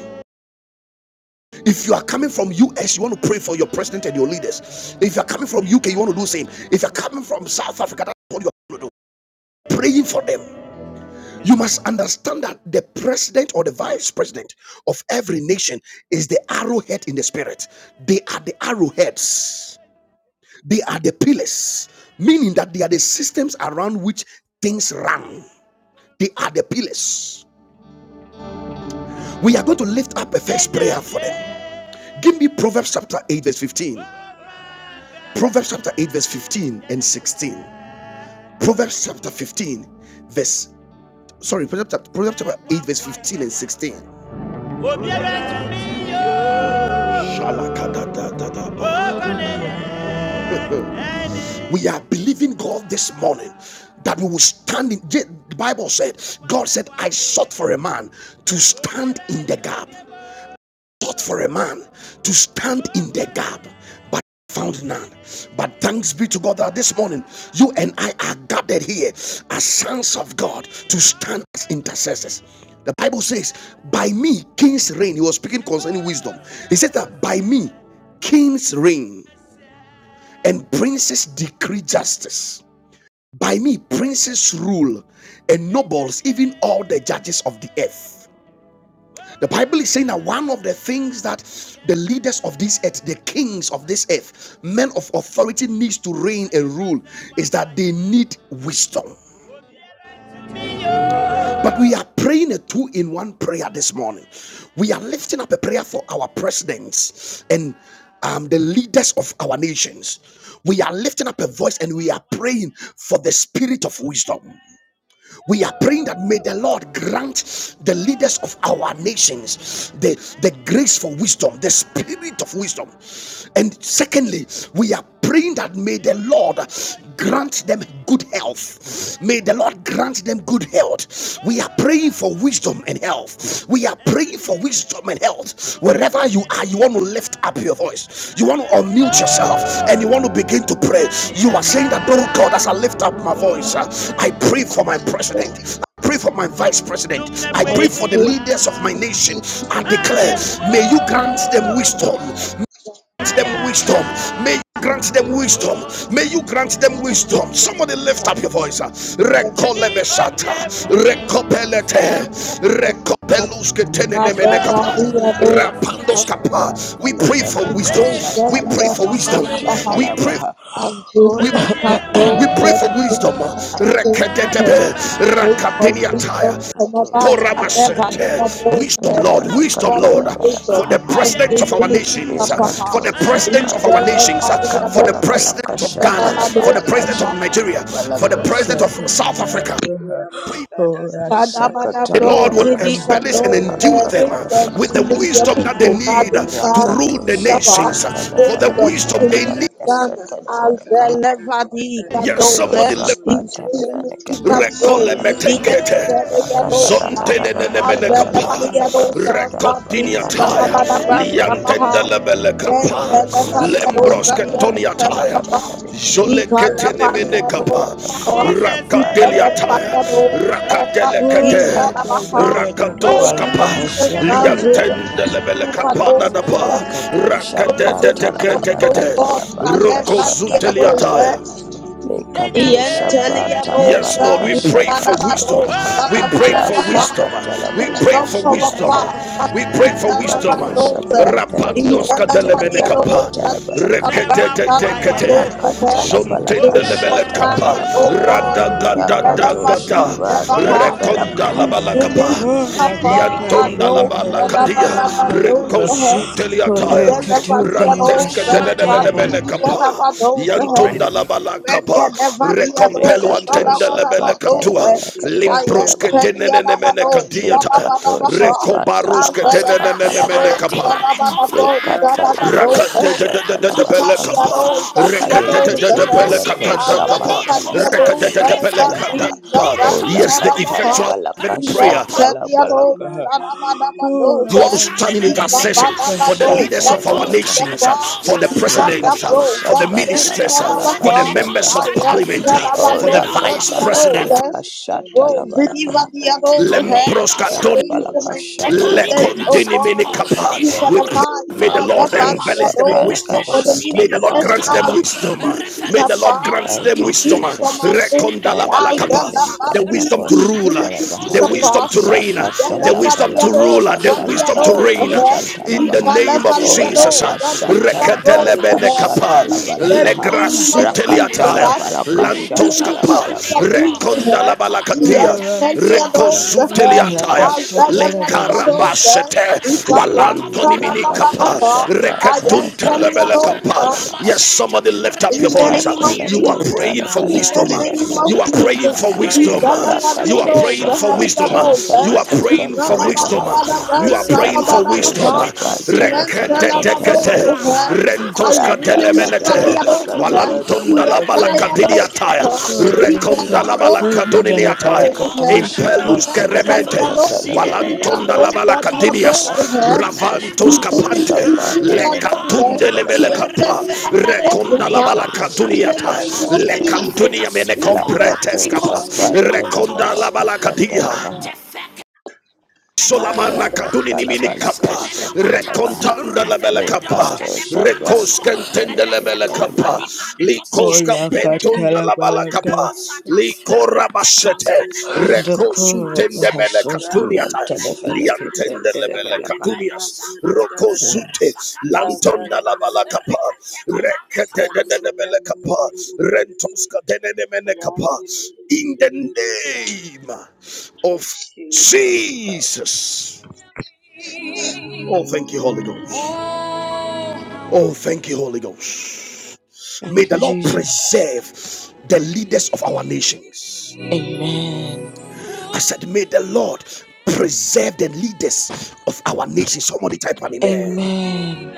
[SPEAKER 1] If you are coming from US, you want to pray for your president and your leaders. If you are coming from UK, you want to do the same. If you are coming from South Africa, that's what you are going to do. Praying for them. You must understand that the president or the vice president of every nation is the arrowhead in the spirit. They are the arrowheads They are the pillars, meaning that they are the systems around which things run. They are the pillars. We are going to lift up a first prayer for them. Give me Proverbs chapter 8, verse 15. Proverbs chapter 8, verse 15 and 16. Proverbs chapter 15, verse sorry, Proverbs chapter, Proverbs chapter 8, verse 15 and 16. Shalakadadadadaba. We are believing God this morning that we will stand in. The Bible said, God said, I sought for a man to stand in the gap. Sought for a man to stand in the gap, but found none. But thanks be to God that this morning you and I are gathered here as sons of God to stand as intercessors. The Bible says, By me, kings reign. He was speaking concerning wisdom. He said that by me, kings reign and princes decree justice. By me, princes rule, and nobles, even all the judges of the earth. The Bible is saying that one of the things that the leaders of this earth, the kings of this earth, men of authority needs to reign and rule is that they need wisdom. But we are praying a two in one prayer this morning. We are lifting up a prayer for our presidents and um, the leaders of our nations. We are lifting up a voice and we are praying for the spirit of wisdom. We are praying that may the Lord grant the leaders of our nations the, the grace for wisdom, the spirit of wisdom. And secondly, we are praying that may the Lord grant them good health. May the Lord grant them good health. We are praying for wisdom and health. We are are praying for wisdom and health. Wherever you are, you want to lift up your voice. You want to unmute yourself and you want to begin to pray. You are saying that, oh God, as I lift up my voice, uh, I pray for my president. I Pray for my vice president. I pray for the leaders
[SPEAKER 4] When the
[SPEAKER 1] of my nation.
[SPEAKER 4] facility
[SPEAKER 1] I
[SPEAKER 4] grew
[SPEAKER 1] declare,
[SPEAKER 4] taller,
[SPEAKER 1] may you grant them wisdom them wisdom. May you grant them wisdom. May you grant them wisdom. Somebody lift up your voice. Rekolebeshata, rekopelete, rekopelusketenenemenekapa, rapandoskapa. We pray for wisdom.
[SPEAKER 3] kasha,
[SPEAKER 1] We
[SPEAKER 3] tala
[SPEAKER 1] pray for
[SPEAKER 3] bala
[SPEAKER 1] wisdom.
[SPEAKER 3] kasha,
[SPEAKER 1] We
[SPEAKER 3] tala
[SPEAKER 1] pray. We pray. we pray for wisdom. Rekedetebe,
[SPEAKER 4] Wait for
[SPEAKER 1] rakapiniataya,
[SPEAKER 4] wisdom from above, after having a dose of
[SPEAKER 1] Wisdom, Lord,
[SPEAKER 3] bala
[SPEAKER 1] wisdom,
[SPEAKER 3] kasha, tala
[SPEAKER 1] Lord,
[SPEAKER 4] Family
[SPEAKER 3] bala
[SPEAKER 1] for
[SPEAKER 4] wisdom,
[SPEAKER 3] kasha.
[SPEAKER 1] the
[SPEAKER 4] as
[SPEAKER 1] president of
[SPEAKER 4] the
[SPEAKER 1] our
[SPEAKER 4] many keep
[SPEAKER 1] nations,
[SPEAKER 4] up a
[SPEAKER 1] for
[SPEAKER 4] heart.
[SPEAKER 1] the
[SPEAKER 3] Ekato
[SPEAKER 1] president of
[SPEAKER 4] These
[SPEAKER 1] our
[SPEAKER 4] are
[SPEAKER 3] shaprantana
[SPEAKER 4] the
[SPEAKER 1] nations, for the
[SPEAKER 3] malakatala
[SPEAKER 4] family
[SPEAKER 1] president of Ghana,
[SPEAKER 3] balakashatala
[SPEAKER 1] for the president
[SPEAKER 4] adults,
[SPEAKER 1] of
[SPEAKER 3] balakashatala
[SPEAKER 1] Nigeria, for the president of
[SPEAKER 2] Sandere
[SPEAKER 3] balakashatala
[SPEAKER 1] South Africa.
[SPEAKER 3] balakaha ora
[SPEAKER 4] Father, Father,
[SPEAKER 1] The
[SPEAKER 3] shakatala
[SPEAKER 1] Lord
[SPEAKER 4] bro,
[SPEAKER 1] will
[SPEAKER 4] Zidi can
[SPEAKER 1] embellish and
[SPEAKER 3] balakashatala
[SPEAKER 4] do
[SPEAKER 1] endue
[SPEAKER 4] the
[SPEAKER 1] them
[SPEAKER 3] balakatala
[SPEAKER 4] wisdom
[SPEAKER 1] with
[SPEAKER 4] to
[SPEAKER 1] the
[SPEAKER 3] balakaha
[SPEAKER 4] lead your
[SPEAKER 1] wisdom that they
[SPEAKER 4] people,
[SPEAKER 1] need
[SPEAKER 4] Kadi,
[SPEAKER 1] to
[SPEAKER 4] Kadi,
[SPEAKER 1] rule
[SPEAKER 3] yakato
[SPEAKER 1] the
[SPEAKER 4] Kidaba,
[SPEAKER 1] nations,
[SPEAKER 3] shaprantana
[SPEAKER 1] for the
[SPEAKER 4] wisdom to
[SPEAKER 1] wisdom
[SPEAKER 3] balakatala
[SPEAKER 1] they need.
[SPEAKER 4] lead Ghana,
[SPEAKER 3] balakashatala
[SPEAKER 4] as the
[SPEAKER 3] balakaha
[SPEAKER 4] Levadi,
[SPEAKER 1] Yes,
[SPEAKER 4] Kado,
[SPEAKER 3] likato
[SPEAKER 1] somebody
[SPEAKER 4] the
[SPEAKER 1] lift.
[SPEAKER 3] shaprantana
[SPEAKER 4] Israeli,
[SPEAKER 3] balakatala
[SPEAKER 4] Kadro,
[SPEAKER 3] balakaha
[SPEAKER 1] Recolemetekete
[SPEAKER 4] Zidikado,
[SPEAKER 3] yakata da da da da da
[SPEAKER 4] as
[SPEAKER 1] zontenenemene
[SPEAKER 3] da
[SPEAKER 4] the
[SPEAKER 3] da da
[SPEAKER 4] Levadi,
[SPEAKER 1] kapa
[SPEAKER 4] Kado,
[SPEAKER 3] balakashatala
[SPEAKER 4] Kadi,
[SPEAKER 1] recodinia taya
[SPEAKER 3] balakashatala
[SPEAKER 4] Kadabadabra,
[SPEAKER 3] balakaha
[SPEAKER 1] liantenda
[SPEAKER 4] Shabaha,
[SPEAKER 1] lebele
[SPEAKER 4] when the
[SPEAKER 1] kapa
[SPEAKER 3] Leko
[SPEAKER 4] Levadi,
[SPEAKER 3] Shapran
[SPEAKER 4] Kado,
[SPEAKER 1] lembroske
[SPEAKER 4] Kadi, and
[SPEAKER 1] tonia
[SPEAKER 3] Telefeleke
[SPEAKER 1] taya
[SPEAKER 4] Shabaha, Oh
[SPEAKER 3] Telefeleke
[SPEAKER 4] Jesus,
[SPEAKER 2] Shandiriya
[SPEAKER 1] joleketenemene
[SPEAKER 3] Alikete
[SPEAKER 1] kapa
[SPEAKER 2] Mandiri
[SPEAKER 3] Feleko Shapran
[SPEAKER 1] rakadelia taya
[SPEAKER 3] Telefeleke
[SPEAKER 1] rakadelekete
[SPEAKER 3] Oh my God, no, no, no, no,
[SPEAKER 1] rakatos kapa
[SPEAKER 3] Balakaha
[SPEAKER 4] I
[SPEAKER 3] Shatala
[SPEAKER 4] really
[SPEAKER 1] liantenda
[SPEAKER 4] need
[SPEAKER 3] Balakaha
[SPEAKER 1] lebele
[SPEAKER 4] you for
[SPEAKER 2] Thank
[SPEAKER 1] kapa
[SPEAKER 4] those of
[SPEAKER 1] nanapa
[SPEAKER 4] us.
[SPEAKER 3] Yakato
[SPEAKER 4] For
[SPEAKER 3] Shapran
[SPEAKER 4] these of
[SPEAKER 3] Telefeleke
[SPEAKER 4] those
[SPEAKER 1] rakadeteketekete
[SPEAKER 4] of us, I
[SPEAKER 3] Telefeleke
[SPEAKER 4] never be
[SPEAKER 3] Shatala
[SPEAKER 4] a
[SPEAKER 3] Balakaha
[SPEAKER 4] rose.
[SPEAKER 1] rokozuteliataya
[SPEAKER 3] Likato Shapran
[SPEAKER 1] Yes,
[SPEAKER 4] Ienteliadosa,
[SPEAKER 1] Lord,
[SPEAKER 3] Telefeleke
[SPEAKER 1] we pray for
[SPEAKER 3] Shatala
[SPEAKER 1] wisdom.
[SPEAKER 3] Balakaha
[SPEAKER 4] Picadabadosa,
[SPEAKER 1] We pray for
[SPEAKER 4] Dabadabaha,
[SPEAKER 1] wisdom.
[SPEAKER 3] Rasaka
[SPEAKER 1] We pray
[SPEAKER 3] Telefeleke
[SPEAKER 4] Wisdom
[SPEAKER 1] for
[SPEAKER 4] from
[SPEAKER 3] Shatala
[SPEAKER 1] wisdom.
[SPEAKER 4] above,
[SPEAKER 3] Balakaha
[SPEAKER 4] but
[SPEAKER 1] We pray for wisdom.
[SPEAKER 3] Likato
[SPEAKER 4] Picadabadosa,
[SPEAKER 3] Shapran
[SPEAKER 1] Rabandos
[SPEAKER 3] Telefeleke
[SPEAKER 1] katelemene kapa,
[SPEAKER 3] Telefeleke
[SPEAKER 4] Ivanavadiadosa,
[SPEAKER 3] Telefeleke
[SPEAKER 1] rekete te te kete,
[SPEAKER 4] Picadabadosa,
[SPEAKER 3] Yakatalapalaka
[SPEAKER 1] zontende
[SPEAKER 4] Drink for
[SPEAKER 1] lebele kapa,
[SPEAKER 4] Ghana, O
[SPEAKER 3] Shatalapalakaha
[SPEAKER 4] God,
[SPEAKER 1] rada gada da
[SPEAKER 3] Yakato
[SPEAKER 1] gada,
[SPEAKER 3] Shapa
[SPEAKER 4] Ivanavadiadosa,
[SPEAKER 1] rekonda
[SPEAKER 3] Talapalakaha
[SPEAKER 1] la bala kapa,
[SPEAKER 4] Ivanavadiadosa,
[SPEAKER 1] yantonda la
[SPEAKER 4] Ado,
[SPEAKER 1] bala
[SPEAKER 2] you.
[SPEAKER 1] kadia
[SPEAKER 2] Father, we
[SPEAKER 3] Lakatandalapalakatandalabaha
[SPEAKER 2] pray
[SPEAKER 4] Dabadabadosa,
[SPEAKER 2] for
[SPEAKER 1] rekosu
[SPEAKER 2] our nation,
[SPEAKER 1] teliataya
[SPEAKER 2] O
[SPEAKER 3] Olekato
[SPEAKER 2] Lord. We
[SPEAKER 3] Palaka
[SPEAKER 1] ranteska
[SPEAKER 4] Ivanavadiadosa,
[SPEAKER 2] commit our
[SPEAKER 1] tenenemene
[SPEAKER 3] Shatalapalakaha
[SPEAKER 2] family
[SPEAKER 1] kapa
[SPEAKER 2] and life
[SPEAKER 4] Picadabadosa,
[SPEAKER 2] into
[SPEAKER 1] yantonda
[SPEAKER 2] your
[SPEAKER 1] la
[SPEAKER 2] hand,
[SPEAKER 1] bala
[SPEAKER 2] O Lord.
[SPEAKER 1] kapa
[SPEAKER 2] Father,
[SPEAKER 1] recompel
[SPEAKER 2] preserve
[SPEAKER 3] Lekato
[SPEAKER 2] them, O
[SPEAKER 1] wantenda
[SPEAKER 3] Shapa
[SPEAKER 2] Lord.
[SPEAKER 1] lebele kadua
[SPEAKER 2] Lord, preserve them, O
[SPEAKER 1] limproske
[SPEAKER 3] Talapalakatandalabaha
[SPEAKER 2] Lord.
[SPEAKER 1] tenenemene
[SPEAKER 2] Monday,
[SPEAKER 1] kadia taya
[SPEAKER 3] Lekato Shapa
[SPEAKER 2] Sunday,
[SPEAKER 1] rekobaruske
[SPEAKER 2] Monday,
[SPEAKER 1] tenenemene kapa
[SPEAKER 3] Talapalakatalapalakaha Lekatalapalaka
[SPEAKER 1] rakate tetetetepele
[SPEAKER 3] Shatalapalakaha
[SPEAKER 1] kapa
[SPEAKER 2] Lord, preserve
[SPEAKER 1] rekate
[SPEAKER 2] our
[SPEAKER 3] Alikiti
[SPEAKER 2] leaders,
[SPEAKER 1] tetetetepele
[SPEAKER 2] O
[SPEAKER 3] fileko
[SPEAKER 1] katanda
[SPEAKER 2] Lord.
[SPEAKER 3] shaman
[SPEAKER 1] kapa
[SPEAKER 2] Monday,
[SPEAKER 1] rekate
[SPEAKER 3] tenefeneke ten
[SPEAKER 1] tetetetepele katanda
[SPEAKER 3] televaha.
[SPEAKER 2] Sunday,
[SPEAKER 3] Ola
[SPEAKER 1] Yes, the
[SPEAKER 3] katala
[SPEAKER 1] effectual
[SPEAKER 2] Monday.
[SPEAKER 3] balaka
[SPEAKER 1] prayer
[SPEAKER 3] shatala
[SPEAKER 2] God
[SPEAKER 3] balaka.
[SPEAKER 2] preserve
[SPEAKER 3] Ola
[SPEAKER 1] You want to
[SPEAKER 3] la la
[SPEAKER 1] stand in
[SPEAKER 2] our
[SPEAKER 3] la
[SPEAKER 4] Praise for
[SPEAKER 1] intercession
[SPEAKER 3] balaka
[SPEAKER 1] for the leaders
[SPEAKER 3] shatala
[SPEAKER 1] of our
[SPEAKER 3] balaka.
[SPEAKER 1] nations, uh, for the president, uh,
[SPEAKER 3] Yakato
[SPEAKER 1] for the
[SPEAKER 3] shapan
[SPEAKER 1] ministers, uh,
[SPEAKER 3] talafalaka
[SPEAKER 1] for the members of
[SPEAKER 3] shatala baha.
[SPEAKER 1] parliament, uh, for the
[SPEAKER 3] Ola
[SPEAKER 1] vice
[SPEAKER 3] katala
[SPEAKER 1] president.
[SPEAKER 3] balaka shatala balaka.
[SPEAKER 1] Lembros
[SPEAKER 3] Yakatala
[SPEAKER 1] don
[SPEAKER 3] balaka
[SPEAKER 4] my
[SPEAKER 3] shatala
[SPEAKER 2] leaders,
[SPEAKER 1] let
[SPEAKER 2] O
[SPEAKER 3] baha.
[SPEAKER 4] president, oh
[SPEAKER 2] Lord.
[SPEAKER 1] continue
[SPEAKER 4] God,
[SPEAKER 1] many
[SPEAKER 2] Father,
[SPEAKER 1] kapa.
[SPEAKER 4] you for
[SPEAKER 2] preserve
[SPEAKER 1] We
[SPEAKER 4] the
[SPEAKER 2] us,
[SPEAKER 1] pray.
[SPEAKER 2] O
[SPEAKER 4] body,
[SPEAKER 1] May
[SPEAKER 2] Lord.
[SPEAKER 4] for
[SPEAKER 1] the Lord
[SPEAKER 4] the
[SPEAKER 3] Makato
[SPEAKER 2] Save
[SPEAKER 4] body
[SPEAKER 2] them
[SPEAKER 1] embellish
[SPEAKER 4] at
[SPEAKER 1] them with
[SPEAKER 2] from
[SPEAKER 4] all,
[SPEAKER 3] shabalaka
[SPEAKER 1] wisdom.
[SPEAKER 2] all
[SPEAKER 4] for
[SPEAKER 2] bad
[SPEAKER 4] the
[SPEAKER 1] May the
[SPEAKER 3] shatala
[SPEAKER 2] things,
[SPEAKER 1] Lord
[SPEAKER 2] O
[SPEAKER 4] ministers
[SPEAKER 1] grant
[SPEAKER 3] balaka.
[SPEAKER 2] Lord.
[SPEAKER 1] them
[SPEAKER 4] as
[SPEAKER 1] wisdom.
[SPEAKER 4] really pick
[SPEAKER 2] Mandiria,
[SPEAKER 1] May the Lord
[SPEAKER 2] Mandiria,
[SPEAKER 1] grant
[SPEAKER 3] Thank
[SPEAKER 1] them
[SPEAKER 4] You
[SPEAKER 3] you,
[SPEAKER 1] wisdom.
[SPEAKER 4] feel for
[SPEAKER 3] Jesus.
[SPEAKER 4] my end,
[SPEAKER 3] Thank
[SPEAKER 2] Mandiria,
[SPEAKER 3] you,
[SPEAKER 4] as
[SPEAKER 2] Mandiria,
[SPEAKER 4] the
[SPEAKER 3] Jesus.
[SPEAKER 1] Rekondalabalakapa. The
[SPEAKER 4] body
[SPEAKER 1] wisdom to
[SPEAKER 4] is
[SPEAKER 1] rule,
[SPEAKER 2] Mandiria,
[SPEAKER 4] really pick
[SPEAKER 3] Lataboshatalabaha.
[SPEAKER 1] the
[SPEAKER 2] it's a
[SPEAKER 1] wisdom to
[SPEAKER 2] mission and
[SPEAKER 1] reign,
[SPEAKER 2] for
[SPEAKER 4] You
[SPEAKER 2] the
[SPEAKER 4] can
[SPEAKER 1] the
[SPEAKER 4] never
[SPEAKER 2] house
[SPEAKER 1] wisdom
[SPEAKER 4] be
[SPEAKER 1] to
[SPEAKER 4] at
[SPEAKER 2] for
[SPEAKER 4] all,
[SPEAKER 1] rule, the
[SPEAKER 2] all
[SPEAKER 4] body at
[SPEAKER 1] wisdom to
[SPEAKER 4] all
[SPEAKER 2] Please
[SPEAKER 4] for
[SPEAKER 1] reign.
[SPEAKER 2] save
[SPEAKER 4] her.
[SPEAKER 2] our
[SPEAKER 4] You
[SPEAKER 1] In the
[SPEAKER 3] Yakatalapalakashatalapalakashatalabaha.
[SPEAKER 2] leaders.
[SPEAKER 4] can
[SPEAKER 1] name of
[SPEAKER 4] never
[SPEAKER 2] Please
[SPEAKER 4] be at
[SPEAKER 2] save
[SPEAKER 1] Jesus.
[SPEAKER 4] all,
[SPEAKER 2] our
[SPEAKER 4] God is
[SPEAKER 2] president. Please
[SPEAKER 4] for her.
[SPEAKER 2] save
[SPEAKER 1] Rekedelemenekapa.
[SPEAKER 4] In
[SPEAKER 2] our
[SPEAKER 4] the
[SPEAKER 3] Olakashatalapalakashatalapalakaha.
[SPEAKER 2] country.
[SPEAKER 4] name of Jesus,
[SPEAKER 1] Legrasuteliataya.
[SPEAKER 4] Really
[SPEAKER 2] Shandiri
[SPEAKER 4] easy to
[SPEAKER 3] Rakatalapalakashatalapalakaha.
[SPEAKER 4] please her.
[SPEAKER 1] Lantoskapa
[SPEAKER 4] We
[SPEAKER 1] balakatia
[SPEAKER 4] entirely adore her.
[SPEAKER 1] rekozuteliataya
[SPEAKER 4] As well as we adore her.
[SPEAKER 1] lekarabasete
[SPEAKER 4] We
[SPEAKER 2] Father,
[SPEAKER 4] command
[SPEAKER 1] walantoni
[SPEAKER 4] some of
[SPEAKER 2] Lord,
[SPEAKER 4] our
[SPEAKER 1] minikapa
[SPEAKER 3] Lakatosha
[SPEAKER 4] heart. I entirely adore
[SPEAKER 1] rekeduntelebelekapa
[SPEAKER 4] her.
[SPEAKER 3] prantelefeneketendelebaha.
[SPEAKER 1] yes somebody lift up
[SPEAKER 4] In
[SPEAKER 1] your
[SPEAKER 4] the
[SPEAKER 1] voice
[SPEAKER 4] name
[SPEAKER 3] Yakato
[SPEAKER 4] of
[SPEAKER 1] you are
[SPEAKER 4] Jesus.
[SPEAKER 1] praying for
[SPEAKER 4] In
[SPEAKER 1] wisdom
[SPEAKER 4] the name of
[SPEAKER 1] you are praying for
[SPEAKER 4] Jesus,
[SPEAKER 1] wisdom you are
[SPEAKER 4] Izalalabiados,
[SPEAKER 1] praying for
[SPEAKER 3] Shapran
[SPEAKER 1] wisdom
[SPEAKER 4] Zahabiados,
[SPEAKER 1] you are praying for
[SPEAKER 3] Telefanekatelebaha
[SPEAKER 1] wisdom
[SPEAKER 4] Izalabalabalabas,
[SPEAKER 1] you are praying for
[SPEAKER 3] Yakato
[SPEAKER 1] wisdom
[SPEAKER 4] Zalabalabasa,
[SPEAKER 3] Shapran
[SPEAKER 4] the
[SPEAKER 1] rekedegede
[SPEAKER 2] preserve our
[SPEAKER 3] Telefanekatelebelekaha
[SPEAKER 2] leaders, O
[SPEAKER 1] rentoska
[SPEAKER 2] Lord.
[SPEAKER 3] Rada da da
[SPEAKER 1] telemenete
[SPEAKER 3] da da da da da
[SPEAKER 4] Azulelabiados,
[SPEAKER 3] da
[SPEAKER 1] walantonda la
[SPEAKER 3] Belekaha
[SPEAKER 1] balakadini
[SPEAKER 4] Iyantelayados,
[SPEAKER 1] ataya
[SPEAKER 2] Preserve them from
[SPEAKER 1] rekonda
[SPEAKER 2] all
[SPEAKER 1] la
[SPEAKER 2] the
[SPEAKER 4] Izalabados, Zabiados, Iyantelayados,
[SPEAKER 2] enemy's
[SPEAKER 1] balakaduni
[SPEAKER 4] Zabiados,
[SPEAKER 2] threats, O
[SPEAKER 1] ataya
[SPEAKER 2] Lord.
[SPEAKER 3] Telefanekato
[SPEAKER 2] Man,
[SPEAKER 3] Shapran
[SPEAKER 1] impelus keremente
[SPEAKER 3] Telefanekatelebelekaha
[SPEAKER 1] walantonda la
[SPEAKER 4] Zabiados, the
[SPEAKER 1] balakadinias
[SPEAKER 3] Thank you,
[SPEAKER 4] Iyantelayados,
[SPEAKER 3] Jesus.
[SPEAKER 1] ravantos
[SPEAKER 3] Leko
[SPEAKER 1] kapante
[SPEAKER 3] Shapran
[SPEAKER 1] lekatunde lebele
[SPEAKER 3] Telefanekatelebaha
[SPEAKER 1] kapa rekonda la
[SPEAKER 3] Ikala
[SPEAKER 1] balakaduni
[SPEAKER 3] Balaka
[SPEAKER 1] ataya
[SPEAKER 4] in the name of
[SPEAKER 1] lekandunia mene kompretes
[SPEAKER 3] Lakato
[SPEAKER 1] kapa
[SPEAKER 2] Sunday,
[SPEAKER 3] Shapante
[SPEAKER 1] rekonda
[SPEAKER 3] Nevana
[SPEAKER 1] la
[SPEAKER 3] Katendere
[SPEAKER 1] balakadia
[SPEAKER 3] Baha
[SPEAKER 2] Ram,
[SPEAKER 1] Solamana katuni ni
[SPEAKER 3] Yakatala
[SPEAKER 1] mini
[SPEAKER 3] Balaka
[SPEAKER 1] kapa
[SPEAKER 3] Shatala Baha
[SPEAKER 1] rekontanda la bela kapa
[SPEAKER 3] Likato Shapante Nevana
[SPEAKER 1] rekoskentende la bela
[SPEAKER 3] Katele
[SPEAKER 1] kapa
[SPEAKER 3] Baha O
[SPEAKER 1] likoska pentunda
[SPEAKER 3] Lakatala
[SPEAKER 1] la bala kapa
[SPEAKER 3] Balaka
[SPEAKER 1] likora basete
[SPEAKER 3] Kundakura
[SPEAKER 1] rekosuntende bela
[SPEAKER 3] Bahasuski
[SPEAKER 1] katunia ta
[SPEAKER 3] Antenevana
[SPEAKER 1] liantende la bela
[SPEAKER 3] Katendere Baha
[SPEAKER 1] katunia rokozute lantonda la bala kapa rekete de de bela kapa rentoska de de mene kapa in the name
[SPEAKER 2] Oh,
[SPEAKER 1] of
[SPEAKER 2] Jesus, stop.
[SPEAKER 1] Jesus. Oh, thank you, Holy Ghost. Oh, thank you, Holy Ghost. May
[SPEAKER 3] Thank you,
[SPEAKER 1] the Lord
[SPEAKER 3] Jesus.
[SPEAKER 1] preserve the leaders of our nations.
[SPEAKER 3] Amen.
[SPEAKER 1] I said, May the Lord preserve the leaders of our nation. Somebody type an amen.
[SPEAKER 3] Amen.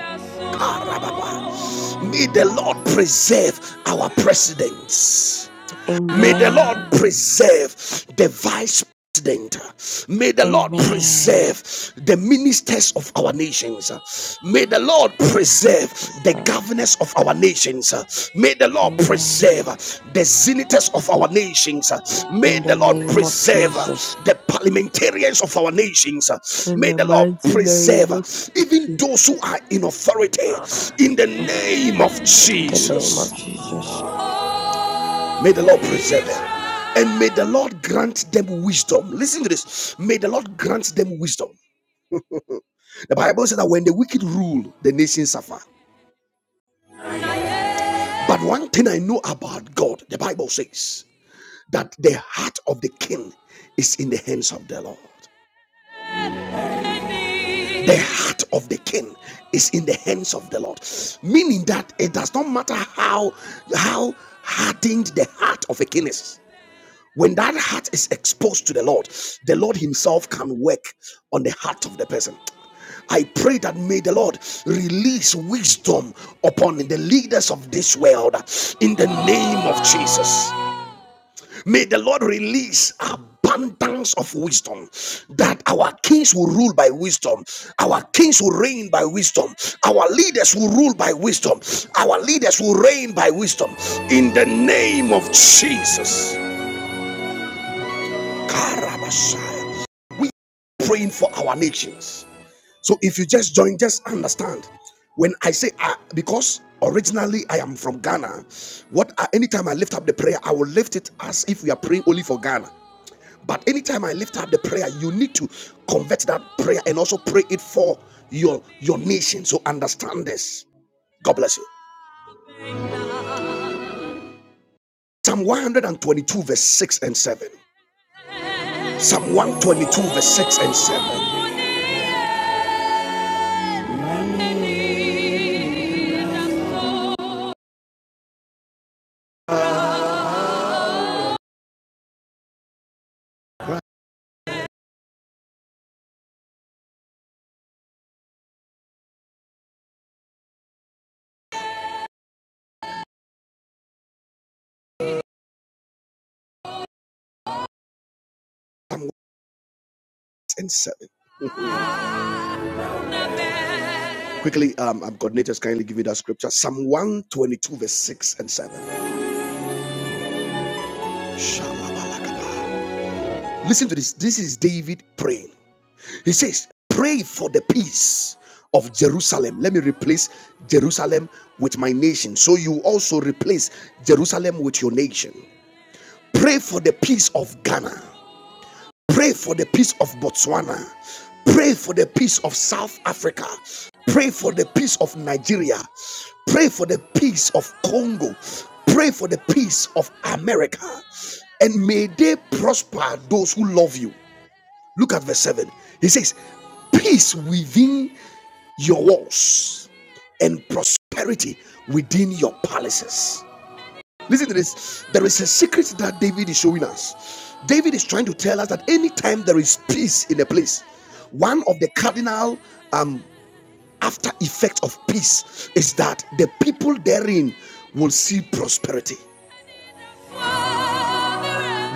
[SPEAKER 1] May the Lord preserve our presidents. May the Lord
[SPEAKER 3] Amen.
[SPEAKER 1] preserve the vice president. May the Lord preserve
[SPEAKER 3] Amen.
[SPEAKER 1] the ministers of our nations. May the Lord preserve the
[SPEAKER 3] Uh,
[SPEAKER 1] governors of our nations. May the Lord
[SPEAKER 3] amen.
[SPEAKER 1] preserve the senators of our nations. May
[SPEAKER 3] In the
[SPEAKER 1] the Lord
[SPEAKER 3] name of
[SPEAKER 1] preserve
[SPEAKER 3] Jesus.
[SPEAKER 1] the parliamentarians of our nations.
[SPEAKER 3] In
[SPEAKER 1] May
[SPEAKER 3] the
[SPEAKER 1] the Lord
[SPEAKER 3] mighty name
[SPEAKER 1] preserve
[SPEAKER 3] of
[SPEAKER 1] even
[SPEAKER 3] Jesus.
[SPEAKER 1] those who are in authority in the
[SPEAKER 3] Mhm.
[SPEAKER 1] name of
[SPEAKER 3] In the name
[SPEAKER 1] Jesus.
[SPEAKER 3] of Jesus.
[SPEAKER 1] May the Lord preserve them. And may the Lord grant them wisdom. Listen to this. May the Lord grant them wisdom. The Bible says that when the wicked rule, the nations suffer. But one thing I know about God, the Bible says that the heart of the king is in the hands of the Lord. The heart of the king is in the hands of the Lord. Meaning that it does not matter how how hardened the heart of a king is. When that heart is exposed to the Lord, the Lord Himself can work on the heart of the person. I pray that may the Lord release wisdom upon the leaders of this world in the name of Jesus. May the Lord release abundance of wisdom that our kings will rule by wisdom, our kings will reign by wisdom, our leaders will rule by wisdom, our leaders will reign by wisdom in the name of Jesus. Karabashaya. We are praying for our nations. So if you just join, just understand. When I say I, because originally I am from Ghana, what I, anytime I lift up the prayer, I will lift it as if we are praying only for Ghana. But anytime I lift up the prayer, you need to convert that prayer and also pray it for your your nation. So understand this. God bless you. Psalm 122 verse 6 and 7. Psalm 122 verse 6 and 7. 6 and 7. Quickly, um, um, coordinators kindly give you that scripture. Psalm 122, verse 6 and 7. Listen to this. This is David praying. He says, Pray for the peace of Jerusalem. Let me replace Jerusalem with my nation. So you also replace Jerusalem with your nation. Pray for the peace of Ghana. Pray for the peace of Botswana. Pray for the peace of South Africa. Pray for the peace of Nigeria. Pray for the peace of Congo. Pray for the peace of America. And may they prosper those who love you. Look at verse 7. He says, Peace within your walls and prosperity within your palaces. Listen to this. There is a secret that David is showing us. David is trying to tell us that anytime there is peace in a place, one of the cardinal um, after effects of peace is that the people therein will see prosperity.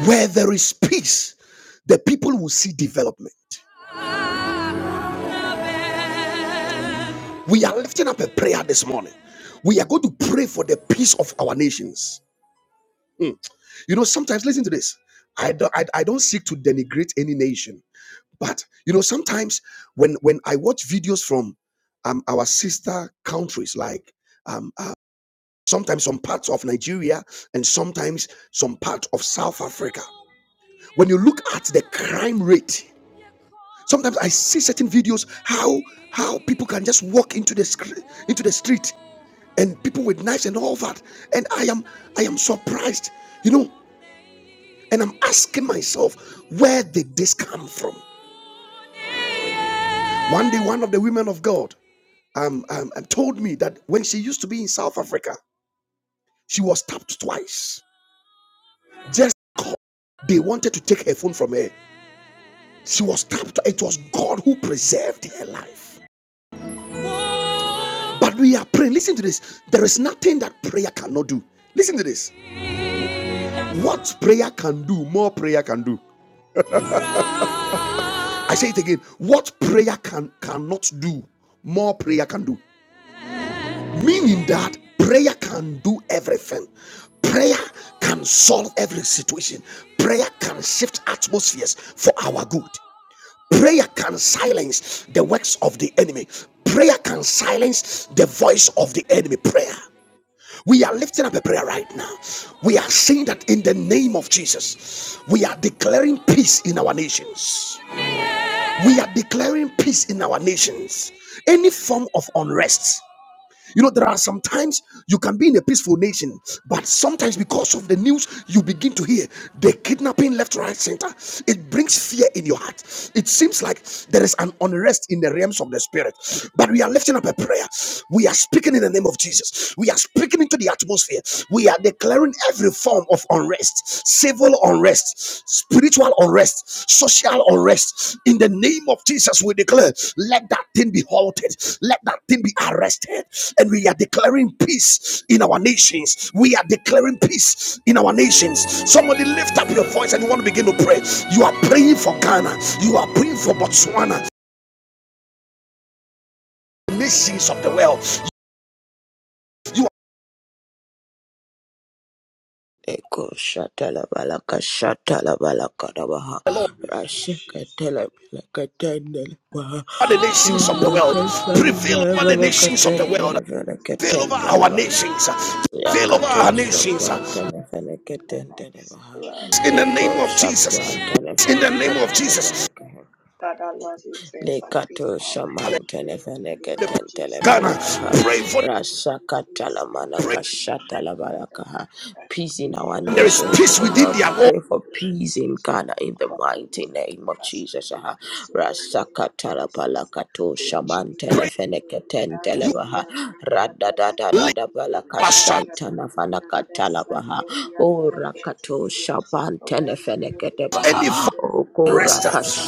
[SPEAKER 1] Where there is peace, the people will see development. We are lifting up a prayer this morning. We are going to pray for the peace of our nations. Hmm. You know, sometimes listen to this. I don't, I, I don't seek to denigrate any nation. But you know, sometimes when when I watch videos from um, our sister countries, like um, uh, sometimes some parts of Nigeria and sometimes some part of South Africa, when you look at the crime rate, sometimes I see certain videos how how people can just walk into the scr- into the street and people with knives and all that, and I am I am surprised, you know, and I'm asking myself where did this come from? One day, one of the women of God. um, um, um, told me that when she used to be in South Africa, she was tapped twice. Just God. They wanted to take her phone from her. She was tapped. It was God who preserved her life. But we are praying. Listen to this. There is nothing that prayer cannot do. Listen to this. What prayer can do, more prayer can do. I say it again. What prayer can cannot do, more prayer can do. meaning that prayer can do everything prayer can solve every situation prayer can shift atmospheres for our good prayer can silence the works of the enemy prayer can silence the voice of the enemy prayer we are lifting up a prayer right now. We are saying that in the name of Jesus, we are declaring peace in our nations. We are declaring peace in our nations. Any form of unrest, you know, there are sometimes you can be in a peaceful nation, but sometimes because of the news you begin to hear, the kidnapping left, right, center, it brings fear in your heart. It seems like there is an unrest in the realms of the spirit. But we are lifting up a prayer. We are speaking in the name of Jesus. We are speaking into the atmosphere. We are declaring every form of unrest civil unrest, spiritual unrest, social unrest. In the name of Jesus, we declare, let that thing be halted, let that thing be arrested. And we are declaring peace in our nations. We are declaring peace in our nations. Somebody lift up your voice and you want to begin to pray. You are praying for Ghana, you are praying for Botswana, the nations of the world. You are
[SPEAKER 3] Eko shatala balaka shatala balaka dabaha.
[SPEAKER 1] the Lord.
[SPEAKER 5] for this nation
[SPEAKER 3] Rashika
[SPEAKER 5] today.
[SPEAKER 3] tala balaka tendele baha.
[SPEAKER 1] Over the
[SPEAKER 2] Father,
[SPEAKER 1] nations
[SPEAKER 3] Oh,
[SPEAKER 1] of the world,
[SPEAKER 3] laka
[SPEAKER 1] prevail
[SPEAKER 3] tendele
[SPEAKER 1] over the
[SPEAKER 3] balaka
[SPEAKER 1] nations of the world,
[SPEAKER 3] tendele balaka
[SPEAKER 1] prevail over
[SPEAKER 3] tendele
[SPEAKER 1] our
[SPEAKER 3] baha.
[SPEAKER 1] nations. Prevail over our
[SPEAKER 3] Yakato
[SPEAKER 1] nations.
[SPEAKER 3] shapran tele fele ketendele baha.
[SPEAKER 1] In the name
[SPEAKER 3] Eko
[SPEAKER 1] of Jesus.
[SPEAKER 3] shapran tele
[SPEAKER 1] In the
[SPEAKER 3] fele
[SPEAKER 1] name of
[SPEAKER 3] ketendele
[SPEAKER 1] Jesus.
[SPEAKER 3] balaka.
[SPEAKER 2] Lord, we pray for peace
[SPEAKER 3] Lekato
[SPEAKER 2] for our
[SPEAKER 3] shaman
[SPEAKER 2] country in the
[SPEAKER 3] telefeleke
[SPEAKER 2] name of Jesus.
[SPEAKER 1] Ghana,
[SPEAKER 2] uh,
[SPEAKER 3] tentelefelekaha.
[SPEAKER 1] pray for
[SPEAKER 3] Rasaka
[SPEAKER 1] pray.
[SPEAKER 3] talamanaka shatalabalakaha. Peace
[SPEAKER 2] We
[SPEAKER 3] in our
[SPEAKER 2] pray
[SPEAKER 1] There
[SPEAKER 2] for
[SPEAKER 1] is
[SPEAKER 3] nations,
[SPEAKER 2] peace
[SPEAKER 1] peace
[SPEAKER 2] for
[SPEAKER 3] O
[SPEAKER 1] within
[SPEAKER 3] Lord. We
[SPEAKER 1] their wall.
[SPEAKER 3] pray for peace in
[SPEAKER 2] Jesus.
[SPEAKER 3] Ghana in the
[SPEAKER 2] Father, may
[SPEAKER 3] mighty
[SPEAKER 2] our
[SPEAKER 3] name of
[SPEAKER 2] country
[SPEAKER 3] Jesus.
[SPEAKER 2] be
[SPEAKER 3] aha.
[SPEAKER 2] peace in the name of
[SPEAKER 3] Rasaka
[SPEAKER 2] Jesus.
[SPEAKER 3] talapalakato
[SPEAKER 2] We seek
[SPEAKER 3] shaman
[SPEAKER 1] Pray.
[SPEAKER 3] telefeneke
[SPEAKER 1] You
[SPEAKER 3] tentelebaha.
[SPEAKER 1] live
[SPEAKER 3] Radadadadadabalaka
[SPEAKER 1] Bashan.
[SPEAKER 3] shantanafanaka talabaha. O rakato shaban tenefenekedebaha.
[SPEAKER 1] Any foreign
[SPEAKER 3] O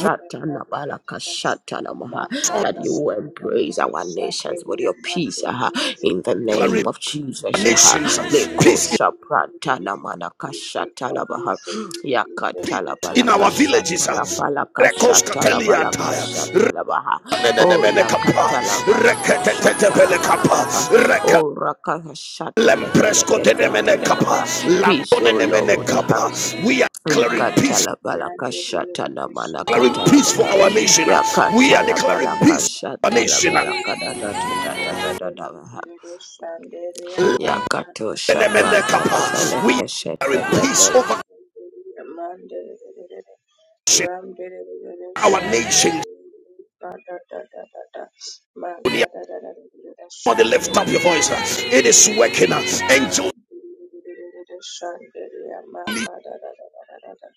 [SPEAKER 1] We
[SPEAKER 3] nabalakashata namaha. That you will embrace our nations with your peace aha. in the
[SPEAKER 1] declare
[SPEAKER 3] name of Jesus. aha.
[SPEAKER 1] nations.
[SPEAKER 3] Leko
[SPEAKER 1] Peace in
[SPEAKER 3] shabrata namanakashata
[SPEAKER 2] for
[SPEAKER 3] labaha.
[SPEAKER 2] peace, O Lord. We seek
[SPEAKER 1] peace
[SPEAKER 3] Yakata
[SPEAKER 2] for
[SPEAKER 1] in
[SPEAKER 2] peace, O
[SPEAKER 1] our
[SPEAKER 2] Lord.
[SPEAKER 1] villages.
[SPEAKER 3] labalakashata
[SPEAKER 2] We seek
[SPEAKER 1] Rekos
[SPEAKER 3] lapalakashata
[SPEAKER 1] Katelia Tire.
[SPEAKER 3] labalakashata labaha. O lakata labalakashata
[SPEAKER 1] Reketetetepe
[SPEAKER 3] labalakaha.
[SPEAKER 1] lekapa.
[SPEAKER 3] O rakashata
[SPEAKER 1] Lempresko tenemene kapa,
[SPEAKER 3] nefeneketentelebaha. Peace, O
[SPEAKER 1] latone nemene
[SPEAKER 3] Lord, I have
[SPEAKER 1] kapa. We are declaring peace,
[SPEAKER 3] Ikatala balaka shatala manaka
[SPEAKER 1] declaring peace for
[SPEAKER 3] talabaha.
[SPEAKER 1] our nation. We are
[SPEAKER 3] Yakatala
[SPEAKER 1] declaring
[SPEAKER 3] balaka
[SPEAKER 1] peace for our
[SPEAKER 3] shatala
[SPEAKER 1] nation.
[SPEAKER 3] balaka da da da da da da da da baha. Yakato
[SPEAKER 1] Tenemene kapa.
[SPEAKER 2] Shandere
[SPEAKER 3] shaprantala
[SPEAKER 1] We
[SPEAKER 3] falaka
[SPEAKER 1] are declaring
[SPEAKER 3] shatala
[SPEAKER 1] peace over
[SPEAKER 3] balaka
[SPEAKER 1] our nation. Somebody lift up your voice. It is working. Angel
[SPEAKER 2] Shandelia Maka da da da da da da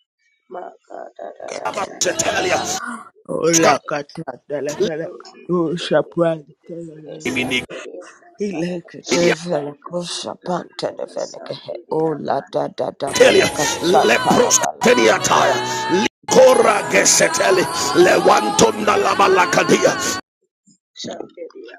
[SPEAKER 2] Maka da da, da da da
[SPEAKER 3] tandala
[SPEAKER 2] da
[SPEAKER 1] Abasetalia.
[SPEAKER 3] baha. Ola katatala falaka to shaprantala balaka.
[SPEAKER 1] Liminikinia.
[SPEAKER 2] Shandelia Maka da da
[SPEAKER 3] Ilaka to
[SPEAKER 2] Maka
[SPEAKER 3] falaka
[SPEAKER 2] da. da da da da
[SPEAKER 3] shaprantala
[SPEAKER 2] da
[SPEAKER 3] falaka he. Ola da da da balaka shatala
[SPEAKER 1] Leproskenia
[SPEAKER 3] balaka.
[SPEAKER 1] tire. Likora geseteli. Lewantonda labalakadia.
[SPEAKER 2] Shandiriya,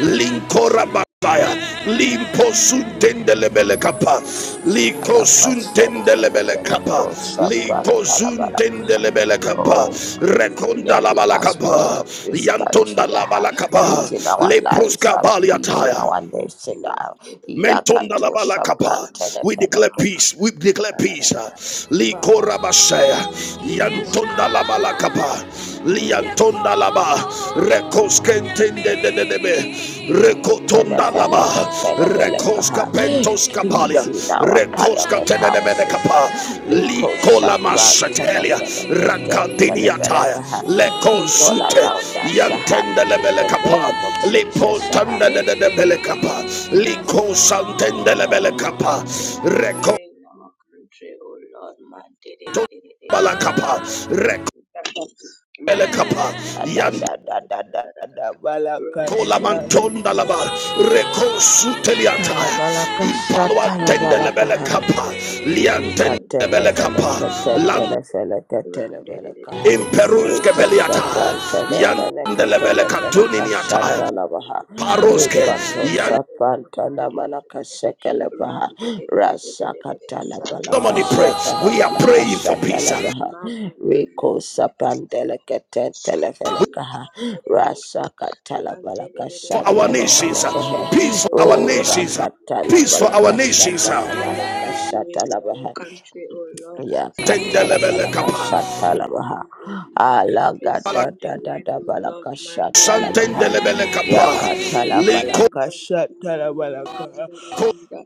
[SPEAKER 1] linkora bataya limpo suntendelebele kapa liko
[SPEAKER 3] Oh,
[SPEAKER 1] suntendelebele kapa liko suntendelebele kapa
[SPEAKER 3] peace in every
[SPEAKER 1] rekondalabala
[SPEAKER 3] aspect
[SPEAKER 1] kapa
[SPEAKER 3] of this country. ah.
[SPEAKER 1] yantondalabala
[SPEAKER 3] Peace
[SPEAKER 1] kapa
[SPEAKER 3] in our lives. ah. Peace in
[SPEAKER 1] leproskabaliataya
[SPEAKER 3] our nation. ah.
[SPEAKER 1] Mentonda la
[SPEAKER 3] Yakato
[SPEAKER 1] bala
[SPEAKER 3] Shabran
[SPEAKER 1] kapa. We declare peace. We declare peace.
[SPEAKER 2] Father,
[SPEAKER 1] Likora
[SPEAKER 2] we declare
[SPEAKER 1] basaya.
[SPEAKER 2] peace for our
[SPEAKER 1] Yantonda la
[SPEAKER 2] country, O
[SPEAKER 1] bala kapa.
[SPEAKER 2] Lord.
[SPEAKER 1] Liantonda la ba. Rekoskentende de de de be.
[SPEAKER 2] Round
[SPEAKER 1] Rekotonda la ba.
[SPEAKER 3] Telefeleka,
[SPEAKER 1] Rekoska
[SPEAKER 3] telebeleka,
[SPEAKER 1] pentoska palia
[SPEAKER 3] Peace in our
[SPEAKER 1] rekoska
[SPEAKER 3] parliament
[SPEAKER 1] tenene mene
[SPEAKER 3] houses.
[SPEAKER 1] kapa
[SPEAKER 3] ah. Leko
[SPEAKER 1] likola
[SPEAKER 3] Shapran,
[SPEAKER 1] masetelia
[SPEAKER 3] Telefeleka, ten
[SPEAKER 1] rakadinia taya
[SPEAKER 3] Telefeleka,
[SPEAKER 1] leko
[SPEAKER 3] Peace all
[SPEAKER 1] sute
[SPEAKER 3] around us. ah.
[SPEAKER 1] yantende
[SPEAKER 3] In
[SPEAKER 1] lebele
[SPEAKER 3] the
[SPEAKER 2] Respect
[SPEAKER 1] kapa
[SPEAKER 2] for the
[SPEAKER 3] name of
[SPEAKER 2] peace of your
[SPEAKER 1] lipo
[SPEAKER 3] Jesus. ah.
[SPEAKER 1] tanda
[SPEAKER 2] country,
[SPEAKER 1] de de
[SPEAKER 2] O Lord God.
[SPEAKER 1] bele kapa
[SPEAKER 2] Father, keep our
[SPEAKER 1] liko
[SPEAKER 2] country
[SPEAKER 1] santende
[SPEAKER 2] peace, O
[SPEAKER 1] lebele
[SPEAKER 2] Lord.
[SPEAKER 1] kapa
[SPEAKER 2] Let peace
[SPEAKER 1] reko
[SPEAKER 2] reign in our country, O Lord. My de- de- de- de- de- de- shun- de-
[SPEAKER 1] balakapa
[SPEAKER 2] de- de-
[SPEAKER 1] reko
[SPEAKER 2] de- de- de- de- My
[SPEAKER 1] bele
[SPEAKER 2] God,
[SPEAKER 1] kapa
[SPEAKER 2] da- da- da-
[SPEAKER 3] Da da
[SPEAKER 1] yante
[SPEAKER 2] da-
[SPEAKER 3] da
[SPEAKER 2] da- da- da- da-
[SPEAKER 3] da da
[SPEAKER 2] da-
[SPEAKER 3] da
[SPEAKER 2] da- da- da-
[SPEAKER 3] da.
[SPEAKER 2] da- Ram de-
[SPEAKER 1] kola
[SPEAKER 2] de- de-
[SPEAKER 3] Balakasha.
[SPEAKER 2] de- de-
[SPEAKER 1] mantonda
[SPEAKER 2] de- de-
[SPEAKER 1] laba
[SPEAKER 2] shun- de- de-
[SPEAKER 1] reko
[SPEAKER 2] de- My
[SPEAKER 1] suteliata
[SPEAKER 3] Talabalakasha.
[SPEAKER 1] impalwa tende
[SPEAKER 2] Ram
[SPEAKER 1] lebele
[SPEAKER 3] Talabalaka.
[SPEAKER 1] kapa liantende
[SPEAKER 3] Katele fele keten
[SPEAKER 1] Lebele
[SPEAKER 3] tele fele ketele fele kaha.
[SPEAKER 1] imperuske
[SPEAKER 3] Liko
[SPEAKER 1] beliata
[SPEAKER 3] shapan tele fele
[SPEAKER 1] yandelebele
[SPEAKER 3] ketele fele
[SPEAKER 1] katuniniata
[SPEAKER 3] kashata la baha.
[SPEAKER 1] paroske
[SPEAKER 3] Likato
[SPEAKER 1] yan
[SPEAKER 3] shapan tana mana kasekele baha. Rasa katala bala
[SPEAKER 1] somebody pray
[SPEAKER 3] kashata la
[SPEAKER 1] we are
[SPEAKER 3] mana
[SPEAKER 1] praying for
[SPEAKER 3] kashata
[SPEAKER 1] peace
[SPEAKER 3] la
[SPEAKER 1] uh,
[SPEAKER 3] baha. Riko sapan tele keten fele kaha. Rasa katala bala
[SPEAKER 1] for our
[SPEAKER 3] kashata la mana
[SPEAKER 1] nations uh,
[SPEAKER 3] kahe.
[SPEAKER 2] Peace is
[SPEAKER 1] peace for
[SPEAKER 2] what
[SPEAKER 1] our
[SPEAKER 2] we seek
[SPEAKER 3] Ora
[SPEAKER 1] nations
[SPEAKER 2] for
[SPEAKER 1] uh,
[SPEAKER 2] our
[SPEAKER 3] katala
[SPEAKER 1] peace for
[SPEAKER 2] nation,
[SPEAKER 1] our
[SPEAKER 2] O Lord.
[SPEAKER 1] nations
[SPEAKER 3] balakashata
[SPEAKER 1] uh.
[SPEAKER 3] la
[SPEAKER 2] Father, may peace reign
[SPEAKER 3] balakashata la
[SPEAKER 2] in our
[SPEAKER 3] baha
[SPEAKER 2] country, O Lord.
[SPEAKER 3] ya
[SPEAKER 2] Father,
[SPEAKER 3] katala
[SPEAKER 1] tendelebele
[SPEAKER 2] preserve
[SPEAKER 1] kapa
[SPEAKER 2] our
[SPEAKER 3] balakashata la
[SPEAKER 2] country,
[SPEAKER 3] baha
[SPEAKER 2] Ghana, O Lord.
[SPEAKER 3] ala gada
[SPEAKER 2] Preserve the
[SPEAKER 3] da da
[SPEAKER 2] word,
[SPEAKER 3] da
[SPEAKER 2] O Lord. Man, de-
[SPEAKER 3] balakashata
[SPEAKER 2] de-
[SPEAKER 3] la
[SPEAKER 2] de- de- de-
[SPEAKER 3] baha
[SPEAKER 2] de-
[SPEAKER 1] santendelebele
[SPEAKER 2] de- de.
[SPEAKER 1] kapa
[SPEAKER 3] ya
[SPEAKER 2] Son, de- de-
[SPEAKER 3] katala
[SPEAKER 2] de-
[SPEAKER 1] liko
[SPEAKER 2] bam, bam, bam,
[SPEAKER 3] balakashata
[SPEAKER 2] da-
[SPEAKER 3] la
[SPEAKER 2] da- da- da-
[SPEAKER 3] balaka
[SPEAKER 2] da- da- da- da- da- da- da.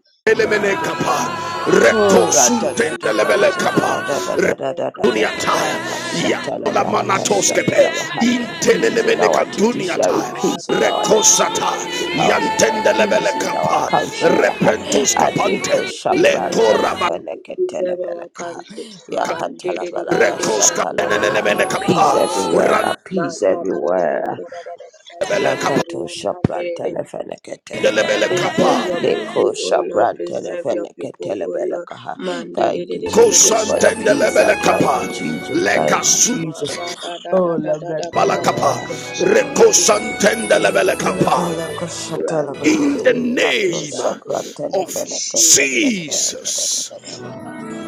[SPEAKER 2] Man,
[SPEAKER 1] Elemene
[SPEAKER 2] de- de-
[SPEAKER 1] kapa,
[SPEAKER 2] de- de- de- de- de-
[SPEAKER 3] Peace
[SPEAKER 2] de- de.
[SPEAKER 1] reko
[SPEAKER 3] in
[SPEAKER 2] May
[SPEAKER 1] suntendelebele
[SPEAKER 2] preservation take place
[SPEAKER 1] kapa,
[SPEAKER 2] in our
[SPEAKER 1] dunia
[SPEAKER 2] country, O
[SPEAKER 1] taya
[SPEAKER 2] Lord.
[SPEAKER 1] ya la manatoskepe intenenemene ka
[SPEAKER 3] our
[SPEAKER 1] dunia
[SPEAKER 3] judiciary,
[SPEAKER 1] taya
[SPEAKER 3] peace in our
[SPEAKER 1] rekosata
[SPEAKER 3] legislative houses, and
[SPEAKER 1] yantendelebele
[SPEAKER 3] peace in our
[SPEAKER 1] kapa
[SPEAKER 3] country.
[SPEAKER 2] Father, preserve
[SPEAKER 1] repentos
[SPEAKER 2] our
[SPEAKER 1] kapante
[SPEAKER 3] Adeko
[SPEAKER 2] country,
[SPEAKER 1] le
[SPEAKER 2] preserve
[SPEAKER 3] Shapran
[SPEAKER 2] our
[SPEAKER 1] koraba
[SPEAKER 2] country, preserve our
[SPEAKER 3] Tenefeneketelevelekaha,
[SPEAKER 2] country. Man, de de de de de de,
[SPEAKER 1] rekoska nene
[SPEAKER 2] shandelia,
[SPEAKER 1] kapenenemene
[SPEAKER 3] Yakatalabalakashatalabaha.
[SPEAKER 2] man, da
[SPEAKER 1] kapa
[SPEAKER 2] da
[SPEAKER 3] Peace
[SPEAKER 2] da da da da.
[SPEAKER 3] everywhere,
[SPEAKER 2] Man,
[SPEAKER 3] peace
[SPEAKER 2] da da da da da da
[SPEAKER 3] everywhere.
[SPEAKER 2] da da da da,
[SPEAKER 1] randebele
[SPEAKER 3] Lakato
[SPEAKER 2] shandelia, man,
[SPEAKER 3] Shapran
[SPEAKER 2] de de.
[SPEAKER 3] Telefanaka
[SPEAKER 1] kapandelebele
[SPEAKER 3] Telebalakaha
[SPEAKER 1] kapa
[SPEAKER 2] Preserve your people,
[SPEAKER 3] Leko
[SPEAKER 2] O Lord.
[SPEAKER 3] Shapran
[SPEAKER 2] Preserve your
[SPEAKER 3] Telefanaka
[SPEAKER 2] people, O Lord.
[SPEAKER 3] Telebalakaha
[SPEAKER 2] Man, de de
[SPEAKER 3] Thank
[SPEAKER 2] de
[SPEAKER 3] you
[SPEAKER 2] de de de de,
[SPEAKER 3] Jesus for your
[SPEAKER 2] shan de de ya,
[SPEAKER 3] pizza
[SPEAKER 1] kosantendelebele
[SPEAKER 2] ma
[SPEAKER 1] kapa
[SPEAKER 3] Thank
[SPEAKER 2] ba
[SPEAKER 3] you
[SPEAKER 2] da da da da
[SPEAKER 3] Jesus
[SPEAKER 1] le
[SPEAKER 3] Thank
[SPEAKER 2] da,
[SPEAKER 3] you
[SPEAKER 1] kasuta
[SPEAKER 2] ma
[SPEAKER 3] Jesus
[SPEAKER 2] ba da da da
[SPEAKER 3] Oh
[SPEAKER 2] da da da da da
[SPEAKER 1] balakapa
[SPEAKER 2] da,
[SPEAKER 3] Lakatalabaka
[SPEAKER 2] shan de de ya, man de de
[SPEAKER 1] rekosantendelebele
[SPEAKER 2] de de de de
[SPEAKER 1] kapa
[SPEAKER 2] de
[SPEAKER 3] Talabalaka
[SPEAKER 2] de, ram de de
[SPEAKER 1] in
[SPEAKER 2] de
[SPEAKER 3] Shatalabaha
[SPEAKER 1] the
[SPEAKER 2] de de de de,
[SPEAKER 3] Lekato
[SPEAKER 1] name
[SPEAKER 2] shan de de.
[SPEAKER 3] Shapran
[SPEAKER 2] Of
[SPEAKER 1] of
[SPEAKER 3] Telefanaka
[SPEAKER 2] Jesus Christ,
[SPEAKER 1] Jesus
[SPEAKER 3] Telebalakaha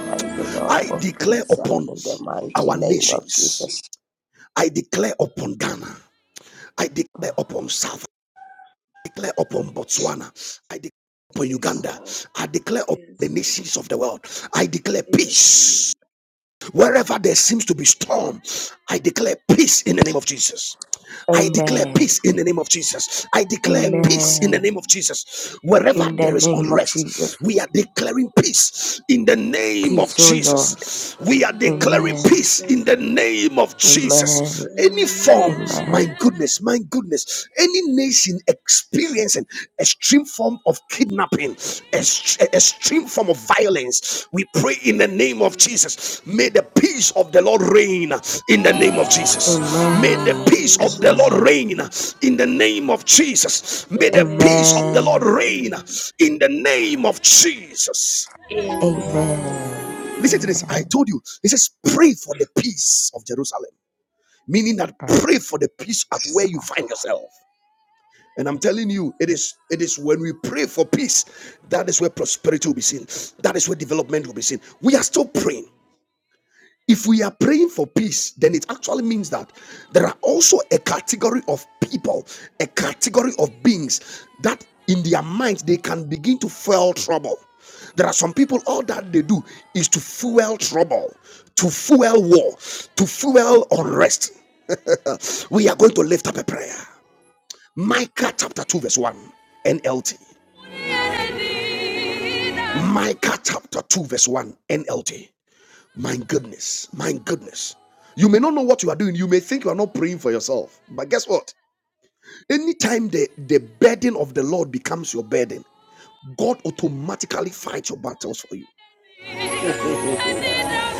[SPEAKER 3] Thank you Lord
[SPEAKER 1] I
[SPEAKER 3] for
[SPEAKER 1] declare
[SPEAKER 3] pizza
[SPEAKER 1] upon
[SPEAKER 3] in the mighty
[SPEAKER 1] our
[SPEAKER 3] name of
[SPEAKER 1] nations.
[SPEAKER 3] Jesus
[SPEAKER 1] I declare upon Ghana. I declare upon South. I declare upon Botswana. I declare upon
[SPEAKER 2] yes
[SPEAKER 1] Uganda.
[SPEAKER 2] Lord,
[SPEAKER 1] I declare upon the
[SPEAKER 2] yes Lord,
[SPEAKER 1] nations of the world. I declare
[SPEAKER 2] yes Lord.
[SPEAKER 1] peace. Wherever there seems to be storm, I declare peace in the name of Jesus. I declare
[SPEAKER 3] Amen
[SPEAKER 2] Amen,
[SPEAKER 1] peace in the name of Jesus. I declare peace
[SPEAKER 2] Amen,
[SPEAKER 1] in the
[SPEAKER 3] Amen
[SPEAKER 1] name of Jesus. Wherever
[SPEAKER 3] in the
[SPEAKER 1] there is
[SPEAKER 3] name
[SPEAKER 2] Amen,
[SPEAKER 3] of Jesus
[SPEAKER 1] unrest, we are declaring peace in the name of
[SPEAKER 3] Peace, O Lord.
[SPEAKER 1] Jesus.
[SPEAKER 2] Amen.
[SPEAKER 1] We are
[SPEAKER 2] In
[SPEAKER 1] declaring
[SPEAKER 3] Amen.
[SPEAKER 2] Jesus'
[SPEAKER 1] peace in the
[SPEAKER 2] name,
[SPEAKER 1] name of Jesus.
[SPEAKER 3] Amen.
[SPEAKER 1] Any form,
[SPEAKER 2] Amen.
[SPEAKER 1] my
[SPEAKER 3] Amen.
[SPEAKER 1] goodness, my goodness, any nation experiencing extreme form of kidnapping, ex- extreme form of violence. We pray in the
[SPEAKER 2] Yes,
[SPEAKER 1] name of
[SPEAKER 2] Lord.
[SPEAKER 1] Jesus. May the peace of the Lord reign in the name of Jesus. May the
[SPEAKER 3] Amen.
[SPEAKER 2] Amen
[SPEAKER 1] peace
[SPEAKER 2] in
[SPEAKER 1] of the Lord
[SPEAKER 3] Amen.
[SPEAKER 2] Jesus'
[SPEAKER 1] reign
[SPEAKER 2] name.
[SPEAKER 1] in the name of Jesus. May the
[SPEAKER 2] Amen in
[SPEAKER 1] peace of the Lord
[SPEAKER 3] Amen.
[SPEAKER 2] Jesus'
[SPEAKER 1] reign
[SPEAKER 2] name.
[SPEAKER 1] in the name of Jesus.
[SPEAKER 2] Amen.
[SPEAKER 3] Amen.
[SPEAKER 1] Listen to this. I
[SPEAKER 3] Amen.
[SPEAKER 1] told you. It says, pray for the peace of Jerusalem. Meaning that
[SPEAKER 3] Mm.
[SPEAKER 1] pray for the peace at where you find yourself. And I'm telling you, it is it is when we pray for peace that is where prosperity will be seen. That is where development will be seen. We are still praying. If we are praying for peace, then it actually means that there are also a category of people, a category of beings that in their minds they can begin to fuel trouble. There are some people, all that they do is to fuel trouble, to fuel war, to fuel unrest. We are going to lift up a prayer. Micah chapter 2, verse 1, NLT. Micah chapter 2, verse 1, NLT. My goodness, my goodness. You may not know what you are doing. You may think you are not praying for yourself. But guess what? Anytime the, the burden of the Lord becomes your burden, God automatically fights your battles for you.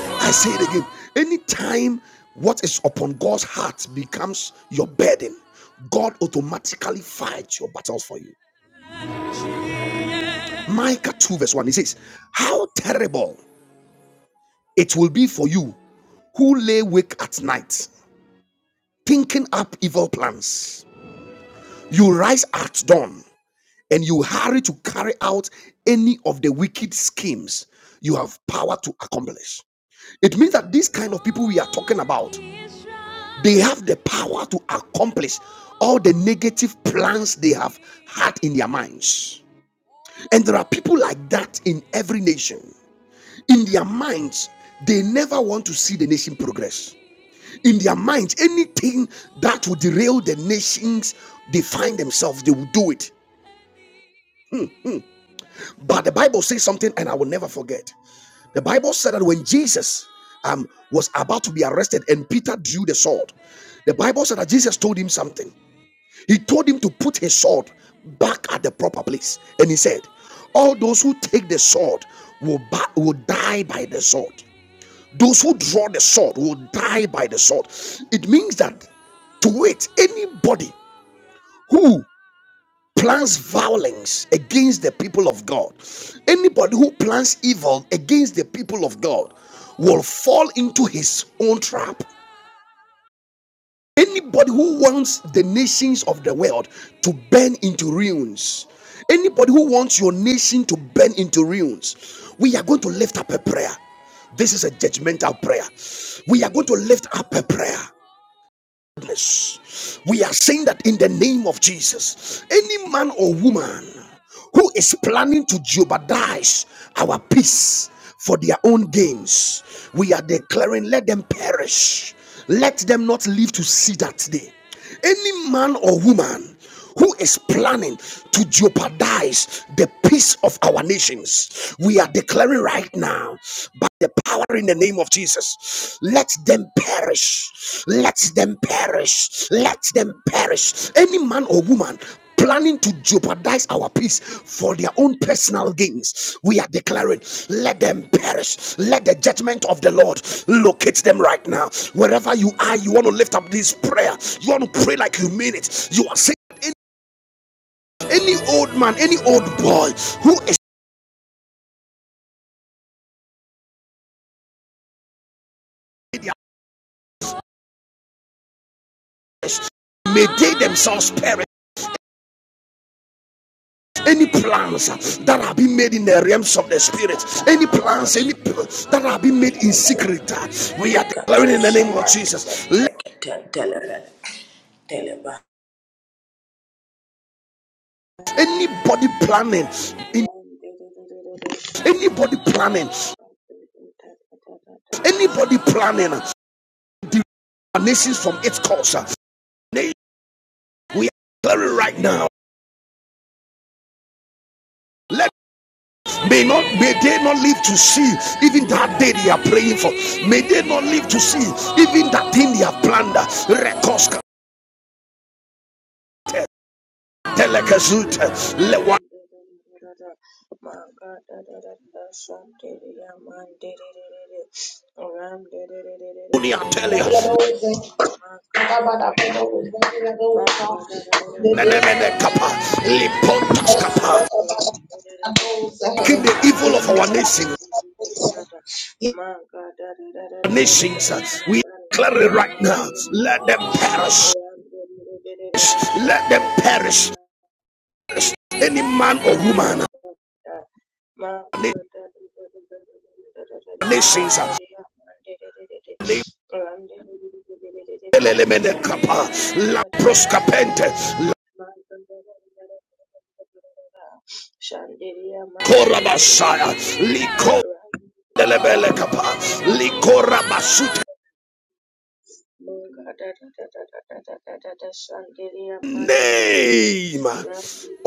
[SPEAKER 1] I say it again. Anytime what is upon God's heart becomes your burden, God automatically fights your battles for you. Micah 2, verse 1, he says, How terrible it will be for you who lay awake at night thinking up evil plans. You rise at dawn and you hurry to carry out any of the wicked schemes you have power to accomplish. It means that these kind of people we are talking about, they have the power to accomplish all the negative plans they have had in their minds. And there are people like that in every nation. In their minds, they never want to see the nation progress. in their minds anything that would derail the nations they find themselves they will do it but the bible says something and i will never forget the bible said that when jesus um, was about to be arrested and peter drew the sword the bible said that jesus told him something he told him to put his sword back at the proper place and he said all those who take the sword will, ba- will die by the sword those who draw the sword will die by the sword it means that to it anybody who plans violence against the people of God, anybody who plans evil against the people of God will fall into his own trap. Anybody who wants the nations of the world to burn into ruins, anybody who wants your nation to burn into ruins, we are going to lift up a prayer. This is a judgmental prayer. We are going to lift up a prayer. darkness. We are saying that in the name of Jesus, any man or woman who is planning to jeopardize our peace for their own gains, we are declaring, let them perish. Let them not live to see that day. Any man or woman who is planning to jeopardize the peace of our nations. We are declaring right now by the power in the name of Jesus let them perish, let them perish, let them perish. Any man or woman. Planning to jeopardize our peace for their own personal gains. We are declaring, let them perish. Let the judgment of the Lord locate them right now. Wherever you are, you want to lift up this prayer. You want to pray like you mean it. You are saying, any, any old man, any old boy who is their flesh, may they themselves perish. Any plans that have been made in the realms of the spirit, any plans, any
[SPEAKER 3] Telebalakasha,
[SPEAKER 1] pl- that have been made in secret, uh, we are
[SPEAKER 3] telebalakikato,
[SPEAKER 1] declaring in the name of
[SPEAKER 3] shabat,
[SPEAKER 1] Jesus. Let
[SPEAKER 3] telebalakitelebele,
[SPEAKER 1] anybody planning, in anybody planning, anybody planning, the nations from its course. uh, We are declaring right now. Let May not may they not live to see even that day they are praying for. May they not live to see even that thing they have planned. Rekoska telekazuta lewanunia telia nenemene kapa lipontas kapa. Keep the evil of our nation, our nations. uh, We declare it right now. Let them perish. Let them perish.
[SPEAKER 2] Ram.
[SPEAKER 1] Any man or woman, nations. uh, kapa, laproskapente,
[SPEAKER 2] Shandelia,
[SPEAKER 1] Korabashaya, Liko Delebele Kapa,
[SPEAKER 2] Mandelia,
[SPEAKER 1] Likorabasut,
[SPEAKER 2] Munga da da da da da da da da da da shandiria mandiriri
[SPEAKER 1] name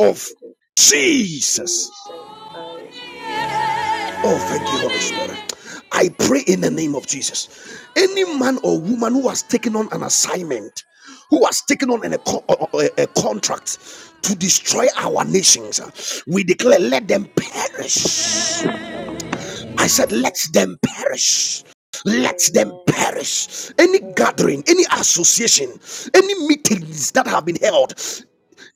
[SPEAKER 1] of
[SPEAKER 2] Oh
[SPEAKER 1] Jesus.
[SPEAKER 2] Jesus Christ.
[SPEAKER 1] Oh, thank you, Holy Spirit. I pray in the name of Jesus. Any man
[SPEAKER 2] Yes,
[SPEAKER 1] or
[SPEAKER 2] Lord.
[SPEAKER 1] woman who has taken on an assignment, who has taken on a, co- a- a contract to destroy our nations, we declare, let them perish.
[SPEAKER 2] Amen in
[SPEAKER 1] I said, let
[SPEAKER 2] Jesus'
[SPEAKER 1] them
[SPEAKER 2] name.
[SPEAKER 1] perish. Let them
[SPEAKER 2] Amen.
[SPEAKER 1] perish. Any gathering, any
[SPEAKER 2] Amen.
[SPEAKER 1] association, any meetings that have been held,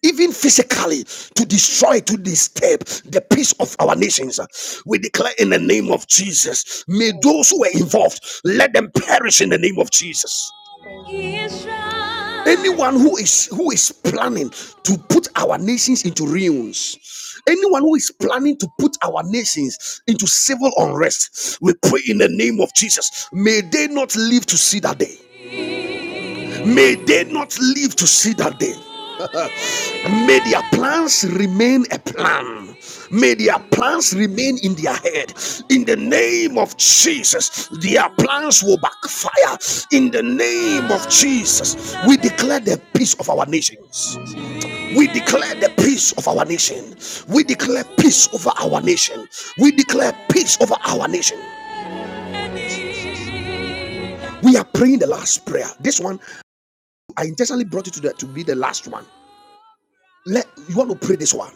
[SPEAKER 1] even physically, to destroy, to disturb the peace of our nations. We declare in the name of Jesus, may those who were
[SPEAKER 2] Amen.
[SPEAKER 1] involved, let them perish in the name of Jesus.
[SPEAKER 2] Amen.
[SPEAKER 1] Anyone who is who is planning to put our nations into ruins, anyone who is planning to put our nations into civil unrest, we pray in the name of Jesus. May they not live to see that day.
[SPEAKER 2] Amen.
[SPEAKER 1] May they not live to see that day.
[SPEAKER 2] Amen.
[SPEAKER 1] May their plans remain a plan. May their
[SPEAKER 2] Amen in
[SPEAKER 1] plans
[SPEAKER 2] Jesus'
[SPEAKER 1] remain in their
[SPEAKER 2] name.
[SPEAKER 1] head. In the name of
[SPEAKER 2] Amen.
[SPEAKER 1] Jesus, their plans
[SPEAKER 2] Amen.
[SPEAKER 1] will backfire. In the name
[SPEAKER 2] Yes,
[SPEAKER 1] of
[SPEAKER 2] Lord.
[SPEAKER 1] Jesus, we declare
[SPEAKER 2] Yes,
[SPEAKER 1] the peace
[SPEAKER 2] Lord.
[SPEAKER 1] of our nations. We declare the peace of our nation. We declare
[SPEAKER 2] Yes,
[SPEAKER 1] peace
[SPEAKER 2] Lord.
[SPEAKER 1] over our nation. We declare peace over
[SPEAKER 2] Amen.
[SPEAKER 1] our nation.
[SPEAKER 2] Amen in Jesus' name.
[SPEAKER 1] We are praying the last prayer. This one, I intentionally brought it to, the, to be the last one. Let you want to pray this one.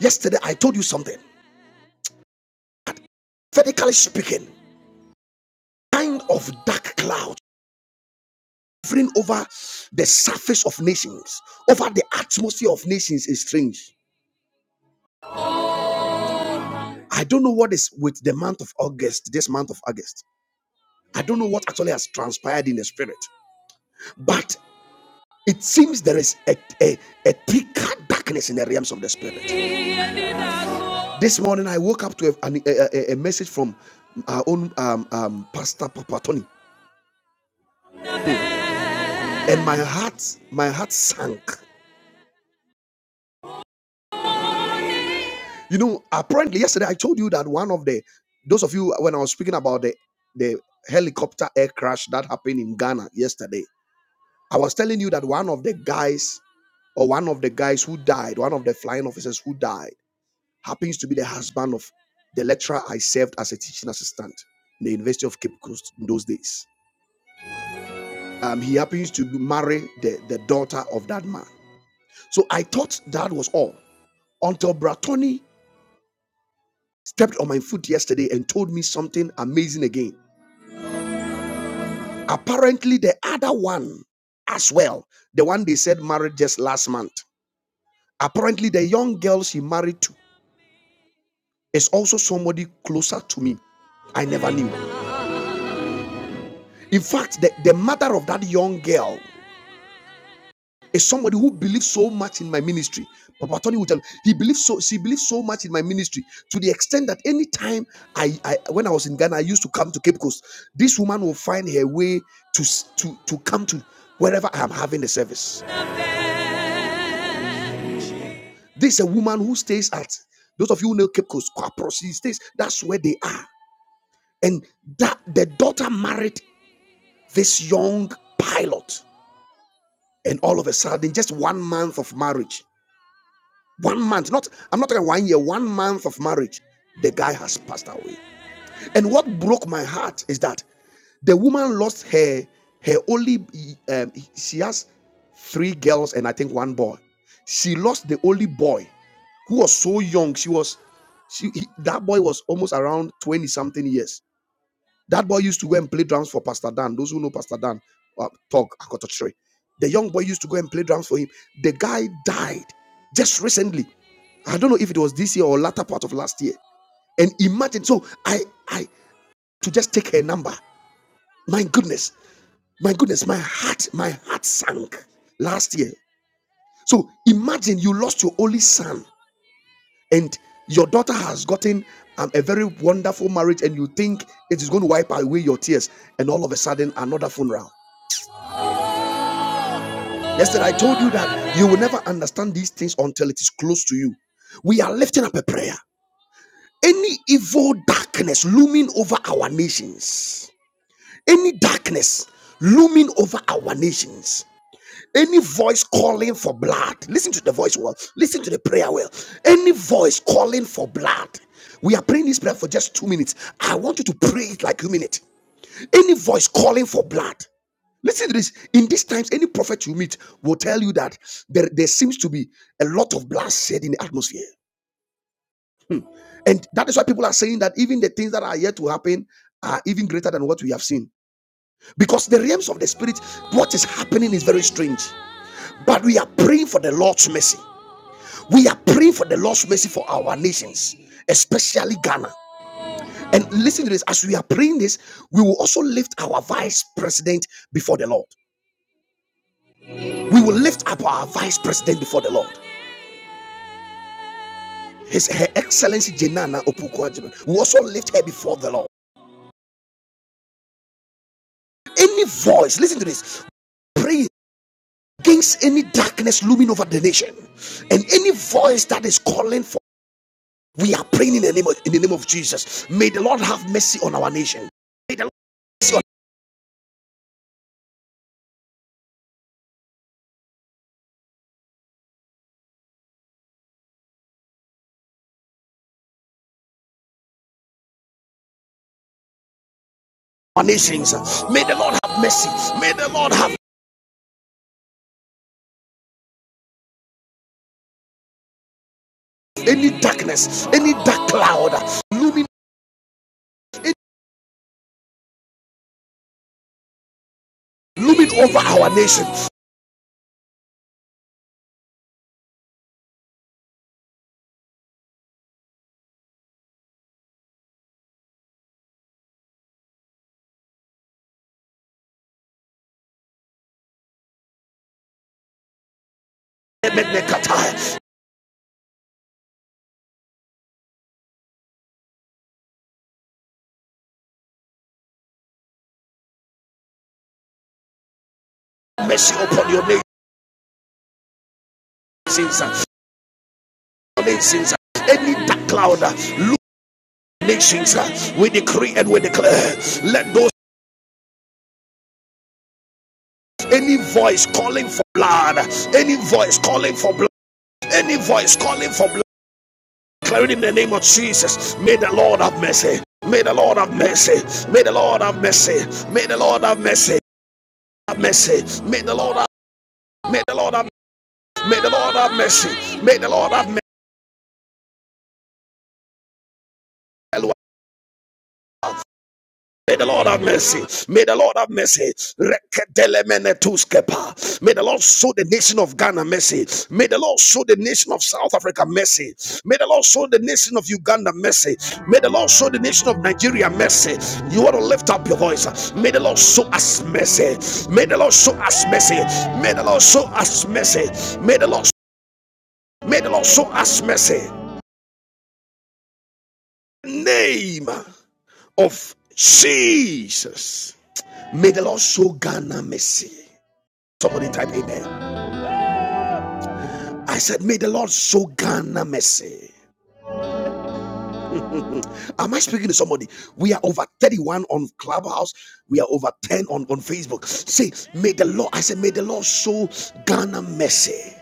[SPEAKER 1] Yesterday, I told you something. Vertically speaking, kind of dark cloud hovering over the surface of nations, over the atmosphere of nations is strange. I don't know what is with the month of August, this month of August. I don't know what actually has transpired in the spirit, but It seems there is a, a, a thicker darkness in the realms of the spirit. This morning I woke up to a, a, a- a message from our own um, um, Pastor Papa and my heart, my heart sank. You know, apparently yesterday I told you that one of the those of you when I was speaking about the the helicopter air crash that happened in Ghana yesterday, I was telling you that one of the guys or one of the guys who died, one of the flying officers who died. happens to be the husband of the lecturer I served as a teaching assistant in the University of Cape Coast in those days. Um, he happens to marry the, the daughter of that man. So I thought that was all until Brattoni stepped on my foot yesterday and told me something amazing again. Apparently, the other one as well, the one they said married just last month, apparently, the young girl she married to is also somebody closer to me. I never knew. In fact, the, the mother of that young girl is somebody who believes so much in my ministry. Papa Tony will tell you, he believes so she believes so much in my ministry to the extent that anytime I, I when I was in Ghana, I used to come to Cape Coast. This woman will find her way to to to come to wherever I am having the service. This is a woman who stays at those of you who know Cape Coast, Kwapros, she stays, that's where they are. And that the daughter married this young pilot, and all of a sudden, just one month of marriage. One month, not I'm not talking one year, one month of marriage, the guy has passed away. And what broke my heart is that the woman lost her her only um, she has three girls and I think one boy. She lost the only boy who was so young. She was she he- that boy was almost around 20 something years that boy used to go and play drums for Pastor Dan. Those who know Pastor Dan, uh, talk Akotochre. The young boy used to go and play drums for him. The guy died just recently. I don't know if it was this year or latter part of last year. And imagine, so I, I, to just take her number. My goodness, my goodness, my heart, my heart sank last year. So imagine you lost your only son, and your daughter has gotten um, a very wonderful marriage, and you think it is going to wipe away your tears, and all of a sudden another funeral. Yesterday, I told you that you will never understand these things until it is close to you. We are lifting up a prayer. Any evil darkness looming over our nations, any darkness looming over our nations, any voice calling for blood, listen to the voice well, listen to the prayer well. Any voice calling for blood, we are praying this prayer for just two minutes. I want you to pray it like you mean it. Any voice calling for blood, Listen to this. In these times, any prophet you meet will tell you that there, there seems to be a lot of bloodshed in the atmosphere. And that is why people are saying that even the things that are yet to happen are even greater than what we have seen. Because the realms of the spirit, what is happening is very strange. But we are praying for the Lord's mercy. We are praying for the Lord's mercy for our nations, especially Ghana. And listen to this as we are praying this, we will also lift our vice president before the Lord. We will lift up our vice president before the Lord. His Her Excellency Jenana Opukwajima. We also lift her before the Lord. Any voice, listen to this, pray against any darkness looming over the nation, and any voice that is calling for. We are praying in the name of, in the name of Jesus. May the Lord have mercy on our nation. May the Lord have mercy on our nations. May the Lord have mercy. May the Lord have any darkness, any dark cloud looming, looming over our nation. Mercy upon your nations. nations, any dark cloud, uh, look nations, uh, we decree and we declare. Let those any voice calling for blood, any voice calling for blood, any voice calling for blood, declaring in the name of Jesus, may the Lord have mercy. May the Lord have mercy. May the Lord have mercy. May the Lord have mercy. Have mercy. May the Lord have. May the Lord have. May the Lord have mercy. May the Lord have mercy. May the Lord have mercy. May the Lord have mercy. Rekedelemenetuskepa. May the Lord show the nation of Ghana mercy. May the Lord show the nation of South Africa mercy. May the Lord show the nation of Uganda mercy. May the Lord show the nation of Nigeria mercy. You want to lift up your voice. May the Lord show us mercy. May the Lord show us mercy. May the Lord show us mercy. May the Lord, may the Lord show us mercy. In the Name of Jesus. May the Lord show Ghana mercy. Somebody type amen. I said, May the Lord show Ghana mercy. Am I speaking to somebody? We are over 31 on Clubhouse. We are over 10 on, on Facebook. Say, May the Lord, I said, May the Lord show Ghana mercy.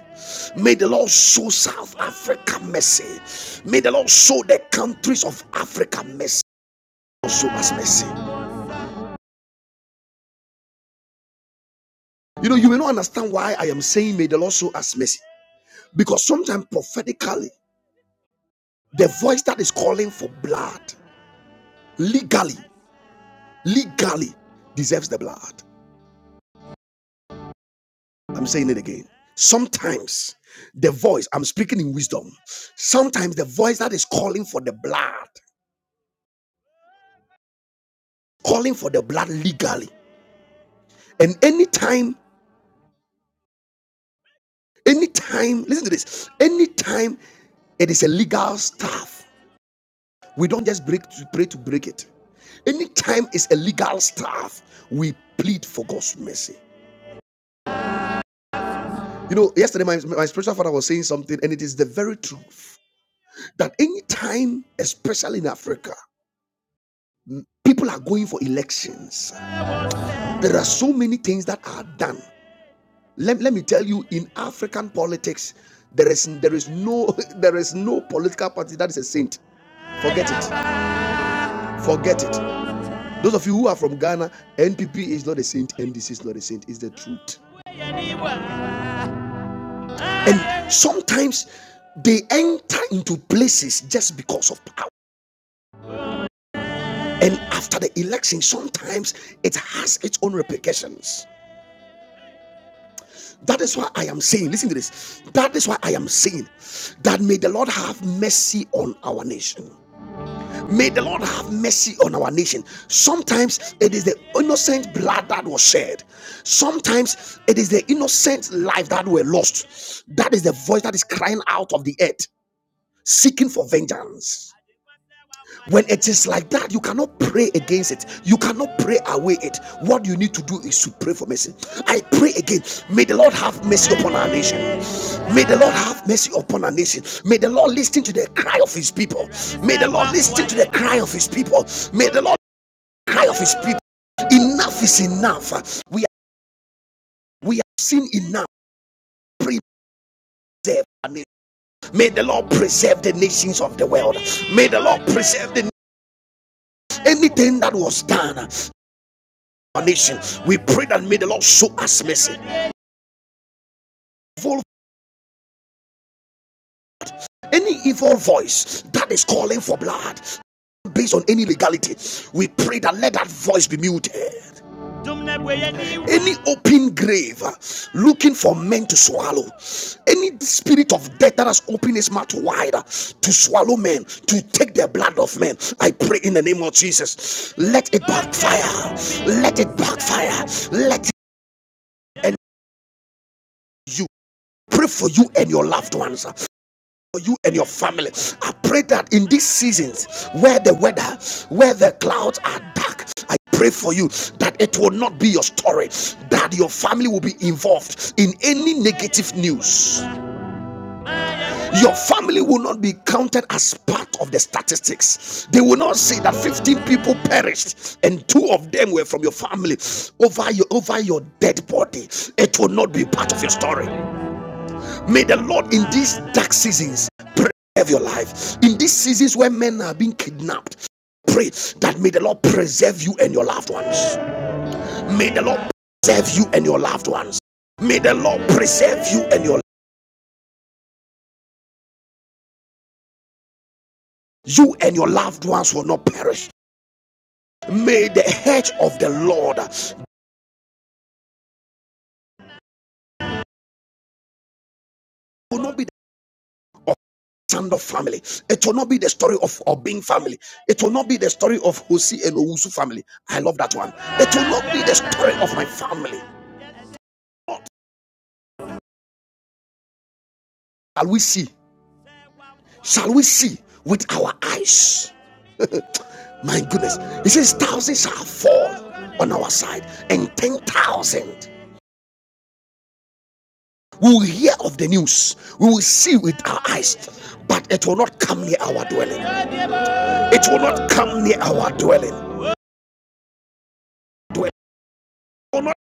[SPEAKER 1] May the Lord show South Africa mercy. May the Lord show the countries of Africa mercy. Show us mercy. You know, you may not understand why I am saying, May the Lord show us mercy. Because sometimes prophetically, The voice that is calling for blood legally, legally deserves the blood. I'm saying it again. Sometimes the voice, I'm speaking in wisdom, sometimes the voice that is calling for the blood, calling for the blood legally. And anytime, anytime, listen to this, anytime it is a legal staff, we don't just break to pray to break it. Anytime it's a legal staff, we plead for God's mercy. You know, yesterday my, my spiritual father was saying something, and it is the very truth that anytime, especially in Africa, people are going for elections. There are so many things that are done. Let, let me tell you, in African politics, there is there is no there is no political party that is a saint. Forget it. Forget it. Those of you who are from Ghana, NPP is not a saint, NDC is not a saint, it's the truth. And sometimes they enter into places just because of power. And after the election, sometimes it has its own repercussions. That is why I am saying, listen to this. That is why I am saying that may the Lord have mercy on our nation. May the Lord have mercy on our nation. Sometimes it is the innocent blood that was shed. Sometimes it is the innocent life that were lost. That is the voice that is crying out of the earth, seeking for vengeance. When it is like that, you cannot pray against it. You cannot pray away it. What you need to do is to pray for mercy. I pray again. May the Lord have mercy upon our nation. May the Lord have mercy upon our nation. May the Lord listen to the cry of his people. May the Lord listen to the cry of his people. May the Lord cry of his people. Enough is enough. We are, we have seen enough. Preserve our nation. May the Lord preserve the nations of the world. May the Lord preserve the anything that was done. nation. We pray that may the Lord show us mercy. For Any evil voice that is calling for blood based on any legality, we pray that let that voice be muted. Any open grave uh, looking for men to swallow, any spirit of death that has opened its mouth wider to swallow men, to take the blood of men, I pray in the name of Jesus, let it backfire, let it backfire, let it end you. Pray for you and your loved ones. for you and your family. I pray that in these seasons where the weather, where the clouds are dark, I pray for you that it will not be your story, that your family will be involved in any negative news. Your family will not be counted as part of the statistics. They will not say that 15 people perished and two of them were from your family over your over your dead body. It will not be part of your story. May the Lord in these dark seasons preserve your life. In these seasons where men are being kidnapped, pray that may the Lord preserve you and your loved ones. May the Lord preserve you and your loved ones. May the Lord preserve you and your you and your loved ones will not perish. May the hedge of the Lord will not be the Sando family. It will not be the story of Obing family. It will not be the story of Hosi and Owusu family. I love that one. It will not be the story of my family. Shall we see? shall we see with our eyes? My goodness. He says, thousands shall fall on our side, and 10,000. We will hear of the news, we will see with our eyes, but it will not come near our dwelling. It will not come near our dwelling. It will not,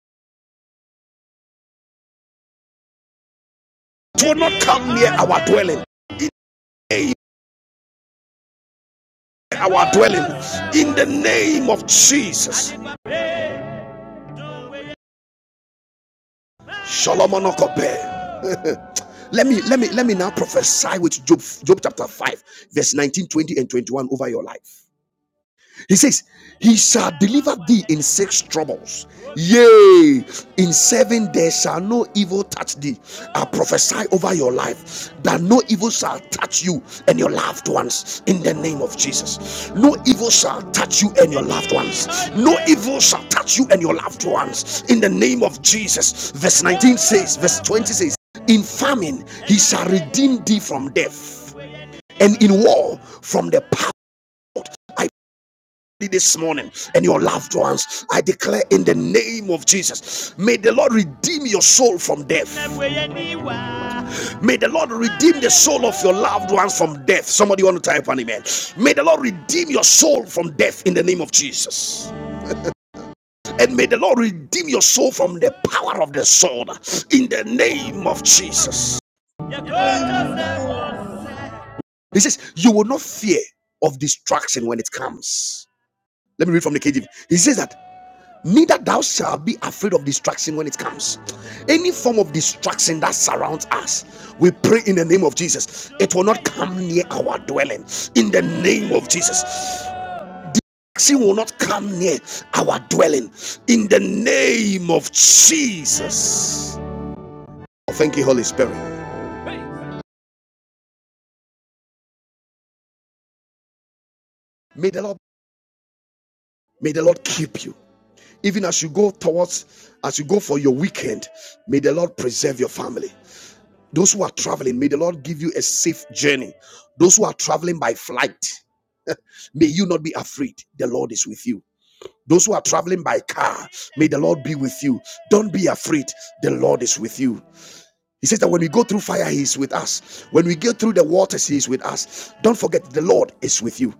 [SPEAKER 1] it will not come near our dwelling. Hey, Our dwelling in the name of Jesus. Shalom Anokope. Let me let me let me now prophesy with Job, Job chapter 5, verse 19, 20, and 21 over your life. He says, He shall deliver thee in six troubles. Yea, in seven there shall no evil touch thee. I prophesy over your life that no evil shall touch you and your loved ones in the name of Jesus. No evil shall touch you and your loved ones. No evil shall touch you and your loved ones in the name of Jesus. Verse 19 says, verse 20 says, In famine he shall redeem thee from death, and in war from the power. I this morning and your loved ones i declare in the name of jesus may the lord redeem your soul from death may the lord redeem the soul of your loved ones from death somebody want to type an amen may the lord redeem your soul from death in the name of jesus and may the lord redeem your soul from the power of the sword in the name of jesus he says you will not fear of destruction when it comes let me read from the kjv he says that neither thou shalt be afraid of distraction when it comes. Any form of distraction that surrounds us, we pray in the name of Jesus, it will not come near our dwelling. In the name of Jesus, sin will not come near our dwelling. In the name of Jesus. Thank you, Holy Spirit. May the Lord, may the Lord keep you. Even as you go towards, as you go for your weekend, may the Lord preserve your family. Those who are traveling, may the Lord give you a safe journey. Those who are traveling by flight, may you not be afraid. The Lord is with you. Those who are traveling by car, may the Lord be with you. Don't be afraid. The Lord is with you. He says that when we go through fire, He is with us. When we go through the waters, He is with us. Don't forget, the Lord is with you.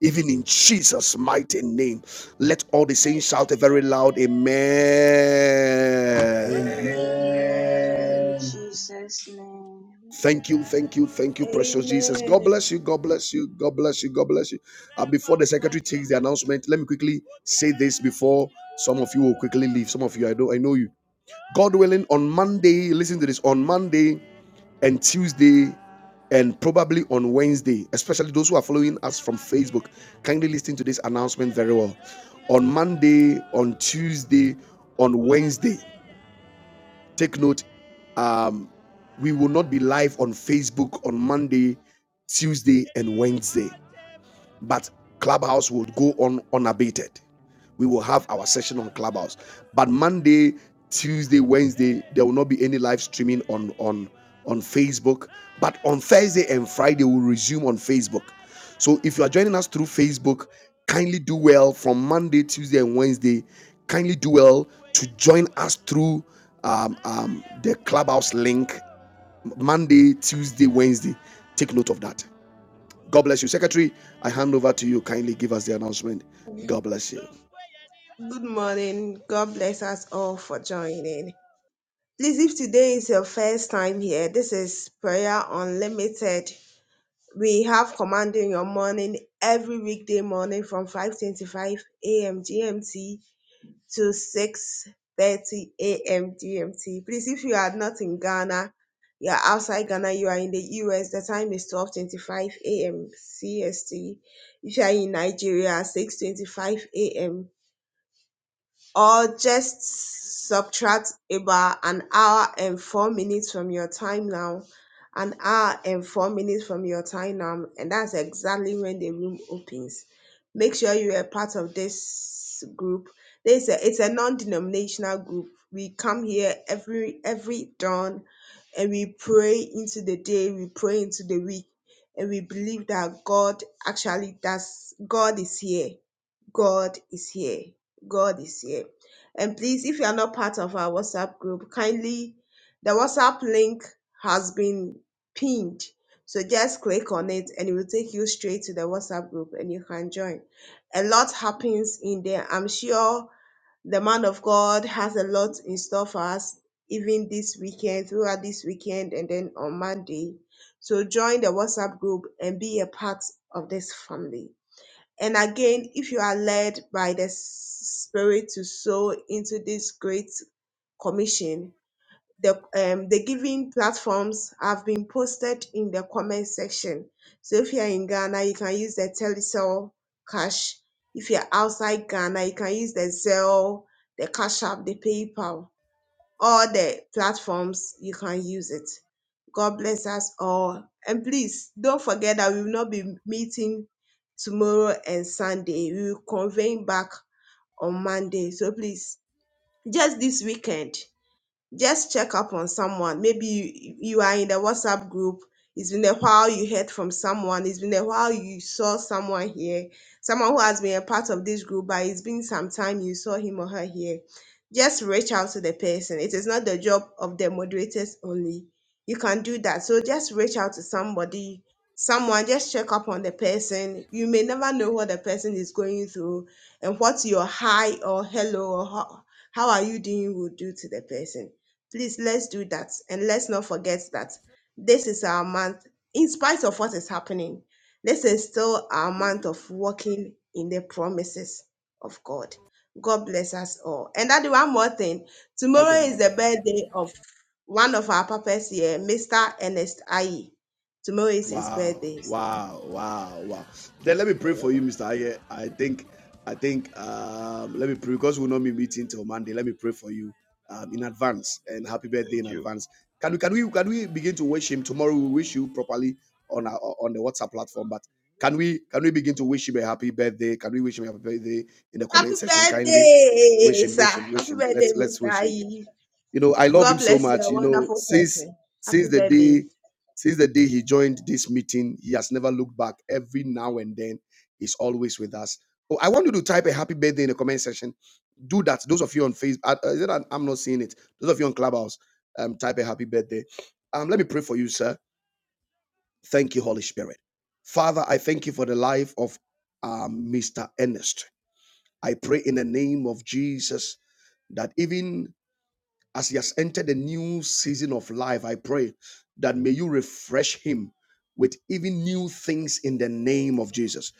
[SPEAKER 1] Even in Jesus' mighty name, let all the saints shout a very loud Amen.
[SPEAKER 2] Amen
[SPEAKER 6] Amen.
[SPEAKER 2] in
[SPEAKER 7] Amen.
[SPEAKER 2] Jesus' name.
[SPEAKER 1] Thank you, thank you, thank you, precious Jesus. God bless you, God bless you, God bless you, God bless you. Uh, before the secretary takes the announcement, let me quickly say this before some of you will quickly leave. Some of you, I know, I know you. God willing, on Monday, listen to this, on Monday and Tuesday and probably on Wednesday, especially those who are following us from Facebook, kindly listen to this announcement very well. On Monday, on Tuesday, on Wednesday, take note um, we will not be live on Facebook on Monday, Tuesday, and Wednesday, but Clubhouse will go on unabated. We will have our session on Clubhouse, but Monday, Tuesday, Wednesday, there will not be any live streaming on on on Facebook. But on Thursday and Friday, we'll resume on Facebook. So if you are joining us through Facebook, kindly do well from Monday, Tuesday, and Wednesday. Kindly do well to join us through um, um, the Clubhouse link Monday, Tuesday, Wednesday. Take note of that. God bless you. Secretary, I hand over to you. Kindly give us the announcement. God bless you.
[SPEAKER 4] Good morning. God bless us all for joining. Please, if today is your first time here, this is Prayer Unlimited. We have commanding your morning every weekday morning from 5:25 a.m. GMT to 6:30 a.m. GMT. Please, if you are not in Ghana, you are outside Ghana, you are in the US, the time is 12:25 a.m. CST. If you are in Nigeria, 6:25 a.m or just subtract about an hour and four minutes from your time now an hour and four minutes from your time now and that's exactly when the room opens make sure you are part of this group this a, it's a non-denominational group we come here every every dawn and we pray into the day we pray into the week and we believe that god actually does god is here god is here God is here. And please, if you are not part of our WhatsApp group, kindly, the WhatsApp link has been pinned. So just click on it and it will take you straight to the WhatsApp group and you can join. A lot happens in there. I'm sure the man of God has a lot in store for us, even this weekend, throughout this weekend, and then on Monday. So join the WhatsApp group and be a part of this family. And again, if you are led by the Spirit to sow into this great commission, the, um, the giving platforms have been posted in the comment section. So if you're in Ghana, you can use the Telecel Cash. If you're outside Ghana, you can use the Zelle, the Cash App, the PayPal all the platforms you can use it. God bless us all. And please don't forget that we will not be meeting tomorrow and Sunday. We will convene back on Monday. So please, just this weekend, just check up on someone. Maybe you, you are in the WhatsApp group. It's been a while you heard from someone. It's been a while you saw someone here. Someone who has been a part of this group, but it's been some time you saw him or her here. Just reach out to the person. It is not the job of the moderators only. You can do that. So just reach out to somebody, someone, just check up on the person. You may never know what the person is going through and what your hi or hello or how, how are you doing will do to the person Please, let's do that. And let's not forget that this is our month, in spite of what is happening, this is still our month of walking in the promises of God. God bless us all. And that one more thing
[SPEAKER 1] Okay,
[SPEAKER 4] tomorrow is
[SPEAKER 1] ma'am.
[SPEAKER 4] the birthday of one of our papas here, Mr. Ernest Ayi. Tomorrow is his
[SPEAKER 1] Wow,
[SPEAKER 4] birthday.
[SPEAKER 1] wow, wow, wow. Then let me pray for you, Mr. Aye. I think, I think, um, let me pray because we'll not be meeting till Monday. Let me pray for you um, in advance and happy birthday in
[SPEAKER 5] Thank you.
[SPEAKER 1] advance. Can we, can we, can we begin to wish him tomorrow? We wish you properly on our, on the WhatsApp platform, but can we, can we begin to wish him a happy birthday? Can we wish him a happy birthday in the comment section? Kindly wish him, wish him, wish him. Let's, let's wish him. You know, I love him so much. You know, since since the day since the day he joined this meeting, he has never looked back. Every now and then, he's always with us. Oh, I want you to type a happy birthday in the comment section. Do that. Those of you on Facebook, uh, uh, is it, I'm not seeing it. Those of you on Clubhouse, um, type a happy birthday. Um, let me pray for you, sir. Thank you, Holy Spirit. Father, I thank you for the life of um, Mr. Ernest. I pray in the name of Jesus that even as he has entered a new season of life, I pray that may you refresh him with even new things in the name of Jesus.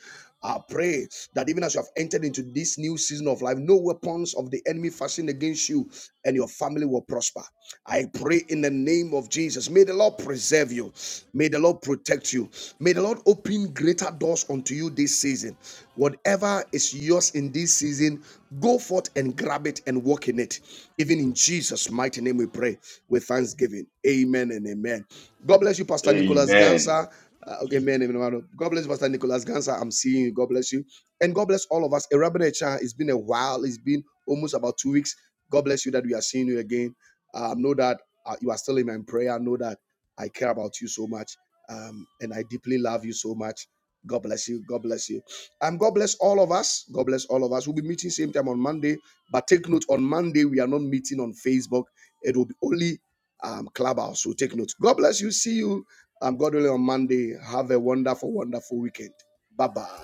[SPEAKER 1] I pray that even as you have entered into this new season of life, no weapons of the enemy fashioned against you and your family will prosper. I pray in the name of Jesus. May the Lord preserve you. May the Lord protect you. May the Lord open greater doors unto you this season. Whatever is yours in this season, go forth and grab it and walk in it. Even in Jesus' mighty name we pray with thanksgiving. Amen and amen. God bless you, Pastor Nicholas
[SPEAKER 5] Amen.
[SPEAKER 1] Gansa. Uh, okay, man,
[SPEAKER 5] Amen.
[SPEAKER 1] amen, amen. God bless Pastor Nicholas Gansa. I'm seeing you. God bless you. And God bless all of us. Erabine Chan, it's been a while. It's been almost about two weeks. God bless you that we are seeing you again. Um, know that uh, you are still in my prayer. Know that I care about you so much, um, and I deeply love you so much. God bless you. God bless you. Um, God bless all of us. God bless all of us. We'll be meeting same time on Monday. But take note, on Monday we are not meeting on Facebook. It will be only um, Clubhouse. So take note. God bless you. See you. Um, God willing on Monday. Have a wonderful, wonderful weekend. Bye bye.